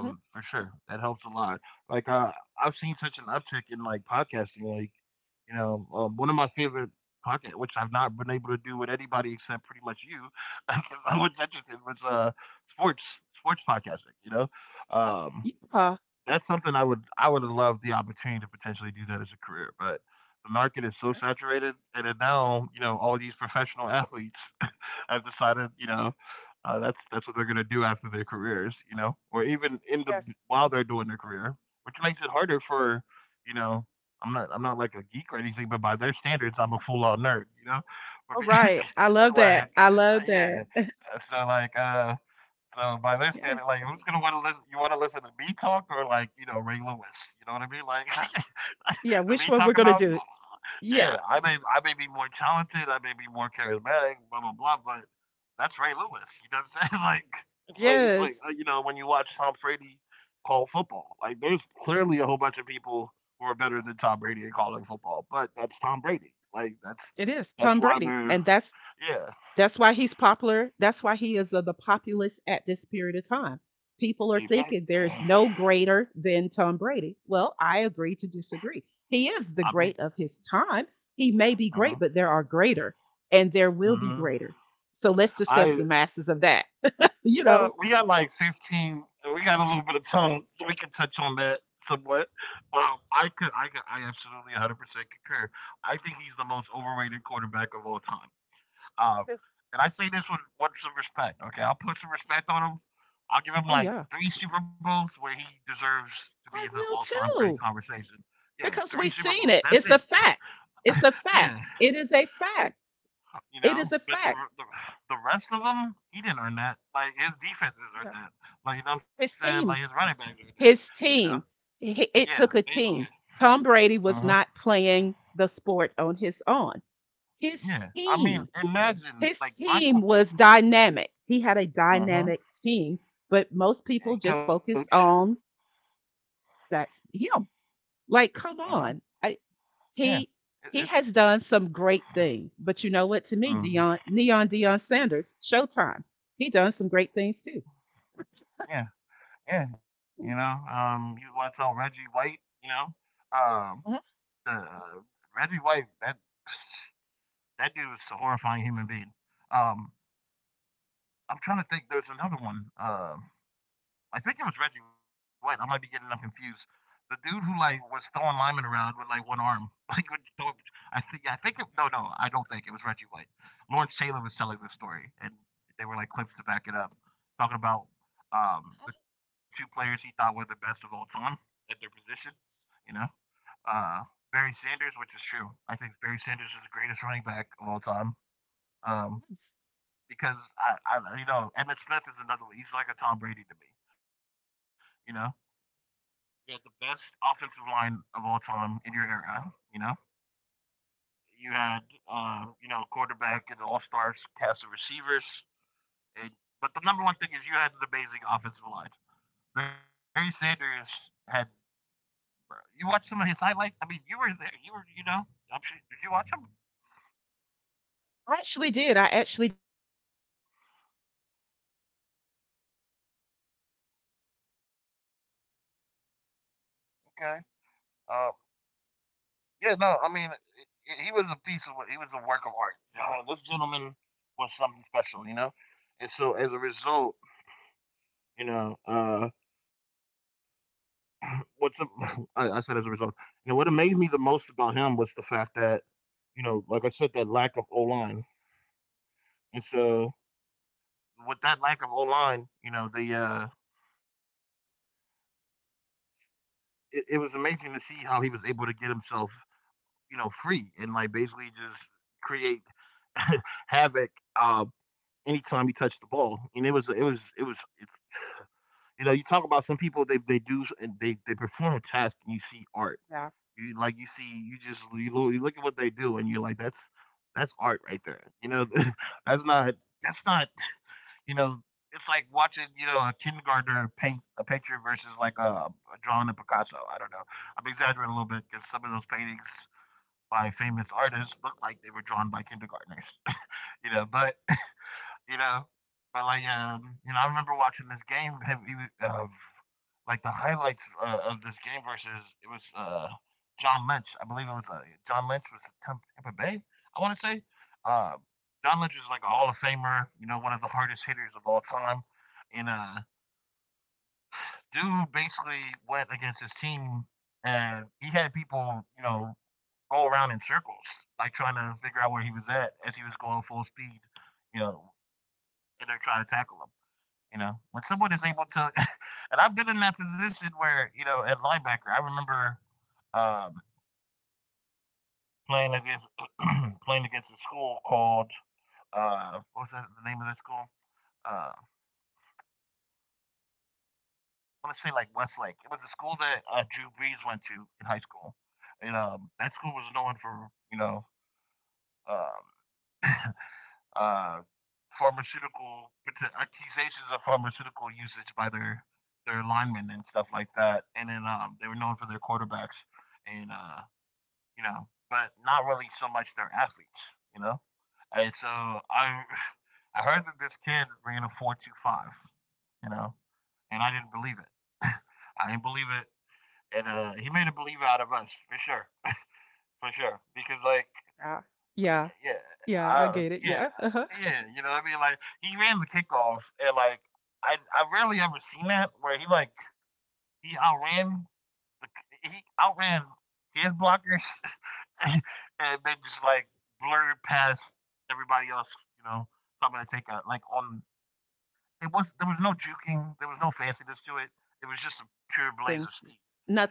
Mm-hmm.
for sure. That helps a lot. Like, I've seen such an uptick in like podcasting. Like, you know, one of my favorite podcast, which I've not been able to do with anybody except pretty much you, because I was interested was, sports podcasting, you know? Um,
Yeah.
that's something I would have loved the opportunity to potentially do that as a career, but the market is so saturated, and then now, you know, all these professional athletes have decided, you know, that's what they're gonna do after their careers, you know, or even in the
Yes.
while they're doing their career, which makes it harder for, you know, I'm not like a geek or anything, but by their standards, I'm a full on nerd, you know, for
All
being
right. I love that.
like,
I
uh,
love that.
yeah, uh, so like, uh, so by this
Yes.
standard, like who's gonna want to listen? You want to listen to me talk or like you know Ray Lewis? You know what I mean? Like
I- Yeah.
the
Which
me
one
talk
we're gonna
about.
do? Yeah.
Yeah, I may be more talented, I may be more charismatic, blah blah blah, but that's Ray Lewis. You know what I'm saying? It's
Yes.
like, you know when you watch Tom Brady call football, like there's clearly a whole bunch of people who are better than Tom Brady at calling football, but that's Tom Brady. Like that's
It is
that's
Tom
why
Brady,
they're,
and that's
yeah,
that's why he's popular. That's why he is of the populace at this period of time. People are thinking
exactly.
there's no greater than Tom Brady. Well, I agree to disagree. He is the
I mean,
great of his time. He may be
uh huh.
great, but there are greater, and there will be
Hmm.
greater. So let's discuss
I,
the masses of that. You
uh,
know.
we got like 15. We got a little bit of time. We can touch on that somewhat. I absolutely 100% concur. I think he's the most overrated quarterback of all time. Um, and I say this with some respect. Okay, I'll put some respect on him. I'll give him
Oh
like
yeah.
three Super Bowls where he deserves to be in
I
the
will
all-time great
too,
conversation. Yeah,
because
three
we've
Super
seen
Bowls.
it.
That's
It's
it.
a fact. It's a fact.
Yeah,
It is a fact.
you
It is
know.
a
But the
fact.
the, the rest of them, he didn't earn that. Like his defenses
You
are
know,
that. Like you know what
his
I'm saying. Like his
team,
running backs are that.
his
You know.
team, it
Yeah,
took a
basically.
team. Tom Brady was
Uh-huh.
not playing the sport on his own. His
Yeah. I mean,
team,
imagine
his
like
team
Michael.
was dynamic. He had a
Uh huh.
dynamic team, but most people
And
just
coach.
focused on that's him. Like, come
Uh huh.
on. I.
Yeah.
He
It, it's.
has done some great things, but you know what? To me,
Mm.
Dion Neon Dion Sanders, Showtime. He done some great things too.
Yeah. Yeah. You know.
Yeah,
You watch on Reggie White. You know.
uh-huh.
The Reggie White. That. That dude was a horrifying human being. Um. I'm trying to think. There's another one. I think it was Reggie White. I might be getting them confused. The dude who like was throwing linemen around with like one arm, like would throw, no no I don't think it was Reggie White. Lawrence Taylor was telling the story, and they were like clips to back it up, talking about, the two players he thought were the best of all time at their position. You know, uh, Barry Sanders, which is true. I think Barry Sanders is the greatest running back of all time. Um, because you know, Emmitt Smith is another one. He's like a Tom Brady to me. You know, you had the best offensive line of all time in your era. You know, you had, you know, quarterback and all stars cast of receivers. And, but the number one thing is you had an amazing offensive line. Barry Sanders had. You watched some of his highlights. I mean, you were there. You were, you know. I'm sure. Did you watch him?
I actually did. I actually
Okay. Uh, yeah. No. I mean, he- he was a piece of. He was a work of art. This gentleman was something special. You know. And so as a result, you know, what's I said as a result, you know, what amazed me the most about him was the fact that, you know, like I said, that lack of O line, and so with that lack of O line, you know, the, it, it was amazing to see how he was able to get himself, you know, free and like basically just create havoc, uh, anytime he touched the ball. And it was, you know you talk about some people they do and they perform a task and you see art.
yeah,
You, you just you look at what they do, and you're like, that's art right there. You know, that's not that's not, you know. It's like watching, a kindergartner paint a picture versus like a drawing of Picasso. I don't know. I'm exaggerating a little bit because some of those paintings by famous artists look like they were drawn by kindergartners, you know. But you know? But like, I remember watching this game have of like the highlights of this game versus it was John Lynch. I believe it was John Lynch was Tampa Bay. I want to say uh, John Lynch is like a Hall of Famer. You know, one of the hardest hitters of all time. And dude basically went against his team, and he had people, you know, go around in circles, like trying to figure out where he was at as he was going full speed. You know, and they're trying to tackle him. You know, when someone is able to, and I've been in that position where you know at linebacker, I remember um, playing against playing against a school called what was that the name of that school? I want to say like Westlake. It was a school that Drew Brees went to in high school, and that school was known for you know um, uh, pharmaceutical accusations of pharmaceutical usage by their linemen and stuff like that. And then they were known for their quarterbacks. And but not really so much their athletes, you know. And so I, I heard that this kid ran a 4.25, you know, and I didn't believe it. I didn't believe it, and he made a believer out of us for sure, for sure. Because like,
yeah, yeah,
yeah,
yeah. I get it.
yeah,
Yeah. Uh-huh.
yeah, you know what I mean. Like he ran the kickoff, and like I rarely ever seen that where he like he outran he outran his blockers and then just like blurred past everybody else, you know. So I'm gonna take a like on it was there was no juking, there was no fanciness to it. It was just a pure blaze of
Thing
speed,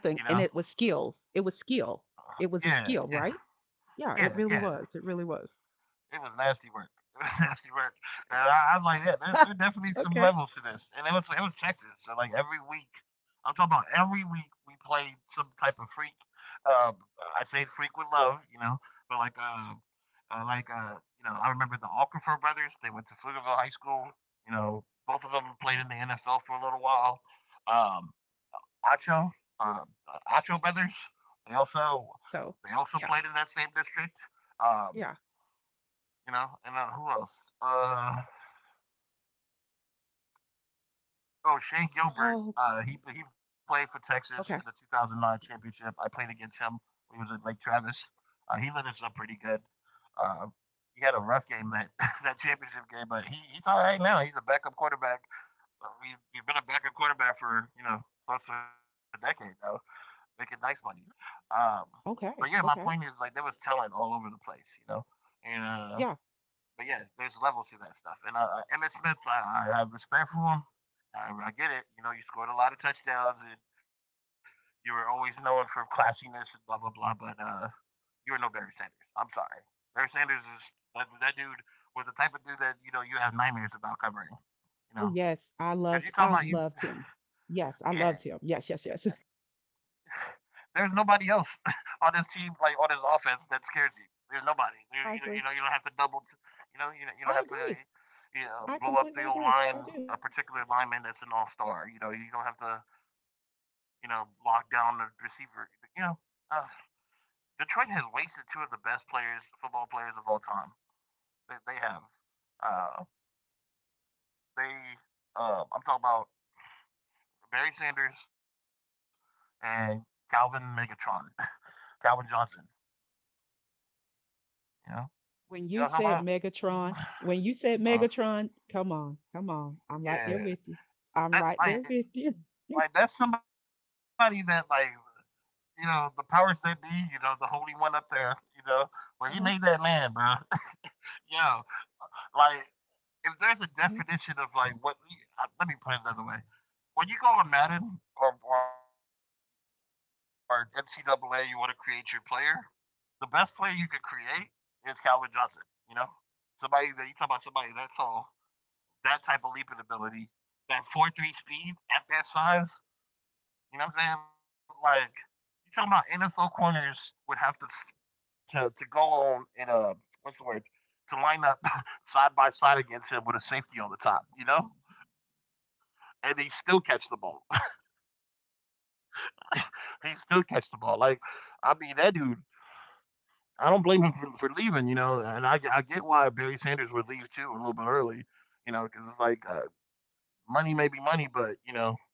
you know?
and it was skills. It was skill. It was a
Yeah,
skill, right? Yeah. It really
yeah.
was. It really was.
It was nasty work. It was nasty work. And I was like, yeah, there are definitely some
Okay.
levels to this. And it was Texas. So like every week, I'm talking about every week we played some type of freak. I say freak with love, you know, but uh like uh, I remember the Alcrifer brothers. They went to Pflugerville High School. You know, both of them played in the NFL for a little while. Um, Acho, uh, Acho brothers. They also
So
they also
yeah,
played in that same district. Um,
yeah.
you know, and then who else? Uh, oh, Shane Gilbert.
Oh
He played for Texas in the
okay.
2009 championship. I played against him when he was at Lake Travis. He lit us up pretty good. Uh, he had a rough game
Uh-huh.
that that championship game, but he's all right now. He's a backup quarterback. He's been a backup quarterback for you know close to a decade now, making nice money. Um, but yeah,
Okay,
my point
okay,
is like there was talent all over the place, you know, and
yeah.
but yeah, there's levels to that stuff. And Emmitt Smith, I have respect for him. I get it. You know, you scored a lot of touchdowns, and you were always known for classiness and blah blah blah. But you were no Barry Sanders. I'm sorry. Barry Sanders is that dude was the type of dude that you know you have nightmares about covering.
Oh
You know,
yes, I
because you talk about
loved
you.
him. Yes, I loved him. Yes, yes,
Yeah,
yes.
there's nobody else on this team, like on this offense, that scares you. There's nobody.
I agree.
You know, you don't have to double. You know,
I
you don't have to.
agree.
You
I
know,
completely
blow up
agree.
the old
I do.
line, a particular lineman that's an all-star. You know, you don't have to. You know, lock down the receiver. You know, uh, Detroit has wasted two of the best players, football players of all time. They have. Uh, they. I'm talking about Barry Sanders and Calvin Megatron, Calvin Johnson. You know,
When you
you know
said
what I'm talking about?
Megatron, when you said
Uh,
Megatron, come on, come on. I'm right there with you.
yeah,
I'm right there
that
with you.
like that's somebody that like you know the powers that be, you know the holy one up there, you know where he
Mhm,
made that man, bro. Yo, like if there's a
mhm.
definition of like what, let me put it another way. When you go on Madden or NCAA, you want to create your player. The best player you could create is Calvin Johnson. You know, somebody that you talk about somebody that tall, that type of leaping ability, that 4.3 speed at that size. You know what I'm saying? Like you talking about NFL corners would have to to go on in a what's the word to line up side by side against him with a safety on the top. You know, and he still catch the ball. He still catch the ball. Like I mean, that dude. I don't blame him for leaving, you know, and I get why Barry Sanders would leave too a little bit early, you know, because it's like money may be money, but you know,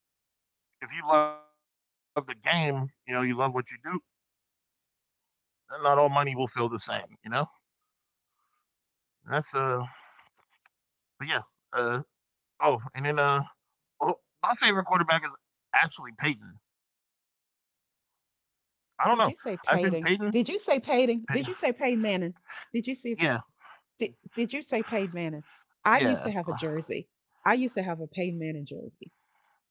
if you love the game, you know, you love what you do, then not all money will feel the same, you know? That's but yeah. Uh oh, and then well, my favorite quarterback is actually Peyton. I don't know. I think
Did you
Peyton.
say Payton? Did you say
Pey-
Payton? Did you say Payne Manning? Did you
yeah,
see did you say Payne Manning? I
yeah.
used to have a jersey. I used to have a Payne Manning jersey.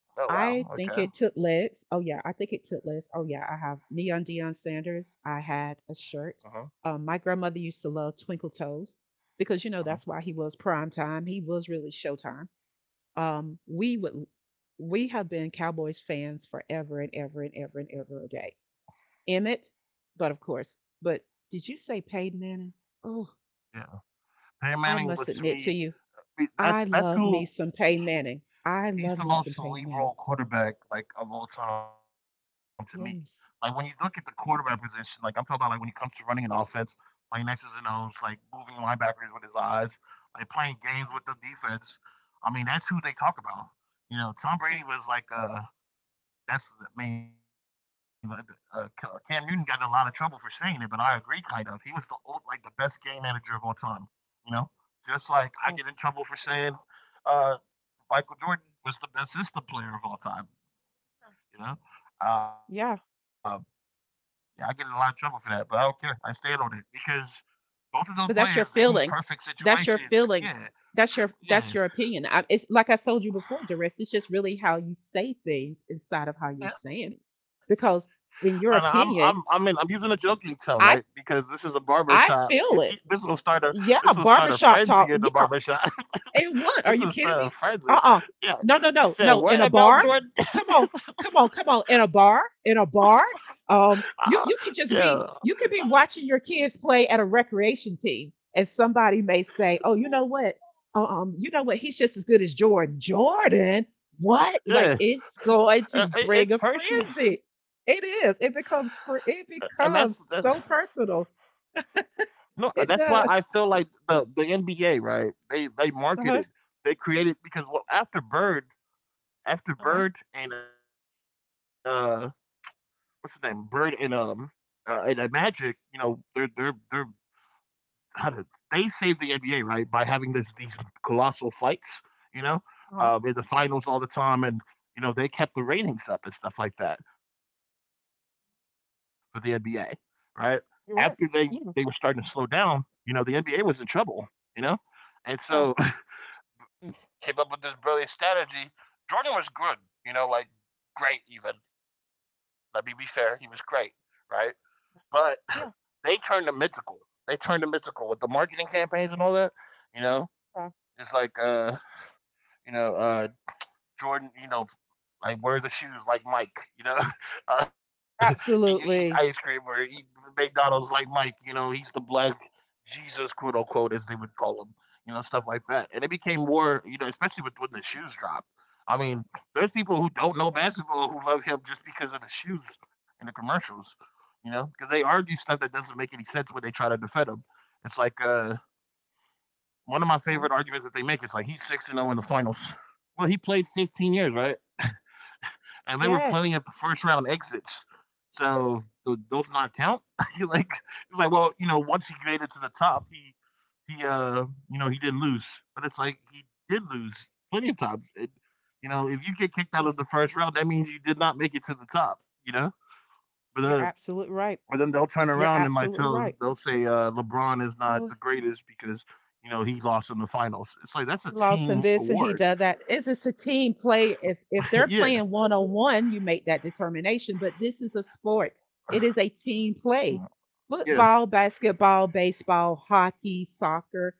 Oh wow.
I
Okay.
think it took legs. Oh yeah, I think it took legs. Oh yeah, I have Neon Dion Sanders. I
Uh
had
huh.
a shirt. My grandmother used to love Twinkle Toes
Uh
because
huh.
you know that's why he was prime time. He was really Showtime. Um, we would we have been Cowboys fans forever and ever and ever and ever a day. Emmett, but of course, but did you say Peyton Manning? Oh,
Yeah. Peyton
I
Manning was
must
to
admit
me.
to you, I
That's
love me
who
some Peyton Manning. I
he's
love
the
me
most
some Peyton Manning.
cerebral quarterback, like, of all time to me. Like, when you look at the
Yes.
quarterback position, like, I'm talking about, like, when it comes to running an offense, playing X's and O's, like, moving linebackers with his eyes, like, playing games with the defense. I mean, that's who they talk about. You know, Tom Brady
Yeah.
was I mean, Cam Newton got in a lot of trouble for saying it, but I agree, kind of. He was the old, like, the best game manager of all time, you know? Just like I get in
Wow.
trouble for saying, uh, Michael Jordan was the best system player of all time. You know, um,
Yeah,
yeah, I get in a lot of trouble for that, but I don't care. I stand on it because both of those players they
but
need
that's your
perfect
feeling.
situations.
That's your
Yeah,
feeling.
yeah,
That's your opinion. I, it's like I told you before, Jerris. It's just really how you say things inside of how
yeah.
you're saying it.
No,
Because in
I'm
your
in. I'm using a
opinion,
joking tone, right? Because
I
this is a barber shop.
I
This
feel
will
it.
start a, this will start
Yeah,
a frenzy
barbershop
in the
talk.
barber shop.
Yeah. And
This will
what? Are you
start a
kidding me?
frenzy.
Uh.
Yeah,
No,
you
no,
said
no, no.
what
In a
about
bar?
Jordan?
Come on, come on, come on. In a bar? In a bar?
yeah,
You could just be, you could be watching your kids play at a recreation team, and somebody may say, "Oh, you know what? You know what? He's just as good as Jordan." Jordan? What? Like,
yeah.
it's going to bring
It's
a
personal.
frenzy. It is.
And that's that.
It becomes so personal.
No, that's why I
It
feel like
does.
the NBA, right?
Uh huh.
They created because well, after
Uh huh.
Bird and what's his name, Bird and Magic, you know, they're how to they saved the NBA right by having this these colossal fights, you know,
Uh huh.
in the finals all the time, and you know they kept the ratings up and stuff like that for the NBA, right? After they were starting to slow
You're right.
down,
Yeah.
you know, the NBA was in trouble, you know, and so came up with this brilliant strategy. Jordan was good, you know, like great even. Let me be fair, he was great, right? But
Yeah.
they turned him mythical. They turned him mythical with the marketing campaigns and all that, you know.
Yeah.
It's like you know, uh, Jordan, you know, like wear the shoes like Mike, you know. Uh, you eat ice cream or
Absolutely.
eat McDonald's like Mike, you know. He's the black Jesus, quote unquote, as they would call him, you know, stuff like that. And it became more, you know, especially with when the shoes dropped. I mean, there's people who don't know basketball who love him just because of the shoes and the commercials, you know, because they argue stuff that doesn't make any sense when they try to defend him. It's like one of my
Right.
favorite arguments that they make is like he's six and zero in the finals. Well, he played 15 years, right? And there were
Yes.
plenty of first round exits, so those not count. Like it's like well, you know, once he made it to the top, he you know he didn't lose, but it's like he did lose plenty of times. It, if you get kicked out of the
Yes.
first round, that means you did not make it to the top. You know, but
You're absolutely right.
Or then they'll turn
You're
around and like
absolutely
tell
right.
they'll say, LeBron is
I
not the greatest because he lost in the finals. It's like that's a
lost in
team
this and he
award.
does that. It's a team play. If they're
Yeah.
playing one on one, you make that determination. But this is a sport. It is a team play.
Mm, yeah,
Football, basketball, baseball, hockey, soccer.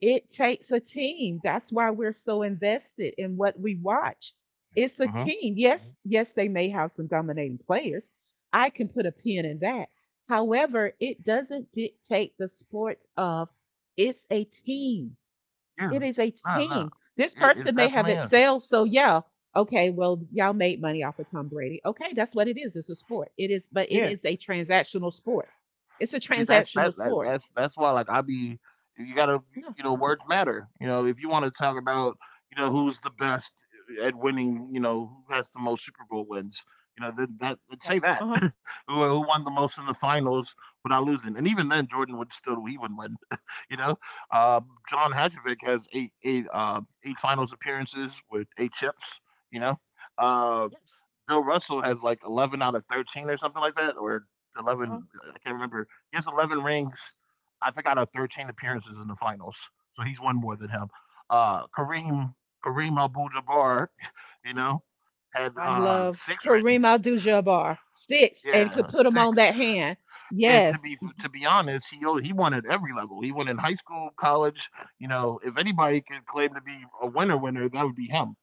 It takes a team. That's why we're so invested in what we watch. It's a
hmm
team. Yes, yes, they may have some dominating players. I can put a pin in that. However, it doesn't dictate the sport of, it's a team,
yeah.
it is a
No, no,
team. This person
it's
may have
definitely is.
excelled. So yeah, okay, well, y'all made money off of Tom Brady. Okay, that's what it is. It's a sport. It is, but it
Yeah.
is a transactional sport. It's a
See, that's that,
transactional
that
sport.
that's why like I be you gotta
No,
words matter. You know, if you want to talk about who's the best at winning, you know, who has the most Super Bowl wins. You know that, that Let's
okay.
say that
Uh-huh.
who won the most in the finals without losing, and even then Jordan would still he wouldn't win. You know, uh, John Hadjovic has eight finals appearances with eight chips. You know. Um,
Yes.
Bill Russell has like 11 out of 13 or something like that, or
Uh-huh.
11. I can't remember. He has 11 rings, I think, out of 13 appearances in the finals, so he's one more than him. Uh, Kareem Kareem Abdul-Jabbar, you know, had
I love
six rings.
Kareem Abdul Jabbar. Six and
Yeah,
could put him
six.
on that hand.
And
Yes.
to be honest, he won at every level. He won in high school, college. You know, if anybody could claim to be a winner, winner, that would be him.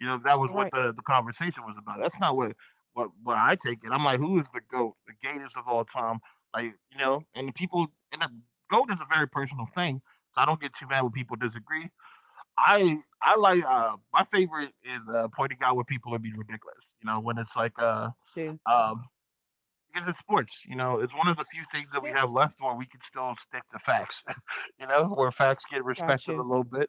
You know, that was
You're
what
right.
the conversation was about. That's not what what I take it. I'm like, who is the GOAT, the greatest of all time? Like, you know, and people and the GOAT is a very personal thing. So I don't get too mad when people disagree. I like my favorite is pointing out when people are being ridiculous. You know, when it's like
Got you.
um because it's sports, you know, it's one of the few things that we have
Yes.
left where we can still stick to facts, you know, where facts get
Got
respected a
you.
little bit.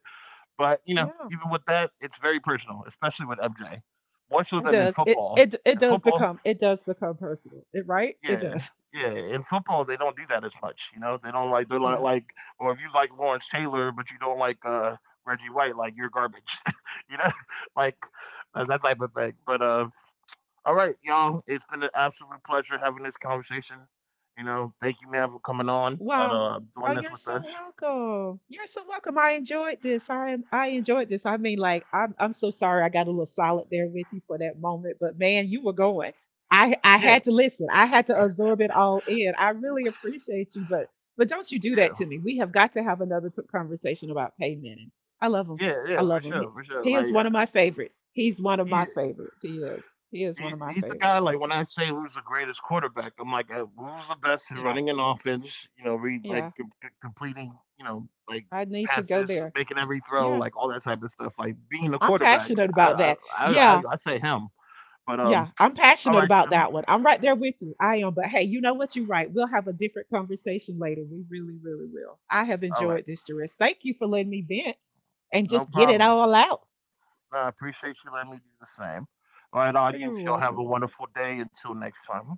But, you know,
Yeah.
even with that, it's very personal, especially with MJ. More so
It
than in
does. It
football.
it it
In
does
football,
become, it does become personal. It right? It
yeah.
does.
Yeah, in football they don't do that as much, you know? They don't like they're like
Yeah.
like or if you like Lawrence Taylor but you don't like Reggie White, like you're garbage. You know? Like that type of thing. But All right, y'all, it's been an absolute pleasure having this conversation. You know, thank you, man, for coming on and
Wow. Oh,
doing this
you're
with
so
us.
welcome. You're so welcome. I enjoyed this. I enjoyed this. I mean, like, I'm so sorry I got a little solid there with you for that moment, but man, you were going. I
Yeah,
had to listen. I had to absorb it all in. I really appreciate you, but don't you do
yeah.
that to me. We have got to have another conversation about payment. And I love him.
Yeah, yeah,
I
for
love him.
sure, for sure.
He is
Like
one of my favorites. He's one of
he
my favorites. He is. He is one of my
He's the guy.
favorites.
Like when I say who's the greatest quarterback, I'm like, who's the best at
Yeah.
running an offense? You know, read like
Yeah.
completing, you know, like
I need to go
passes,
there.
making every throw,
Yeah.
like all that type of stuff. Like being a
I'm
quarterback,
passionate
I
about
I
that. Yeah,
I say him. But
yeah, I'm
All
passionate
right, Jim.
about that one. I'm right there with you. I am. But hey, you know what? You're right. We'll have a different conversation later. We really, really will. I have
All right,
enjoyed this, Doris. Thank you for letting me vent and
no
just get it
problem.
all out.
I appreciate you letting me do the same. All right,
You're
audience, y'all have
welcome.
a wonderful day. Until next time.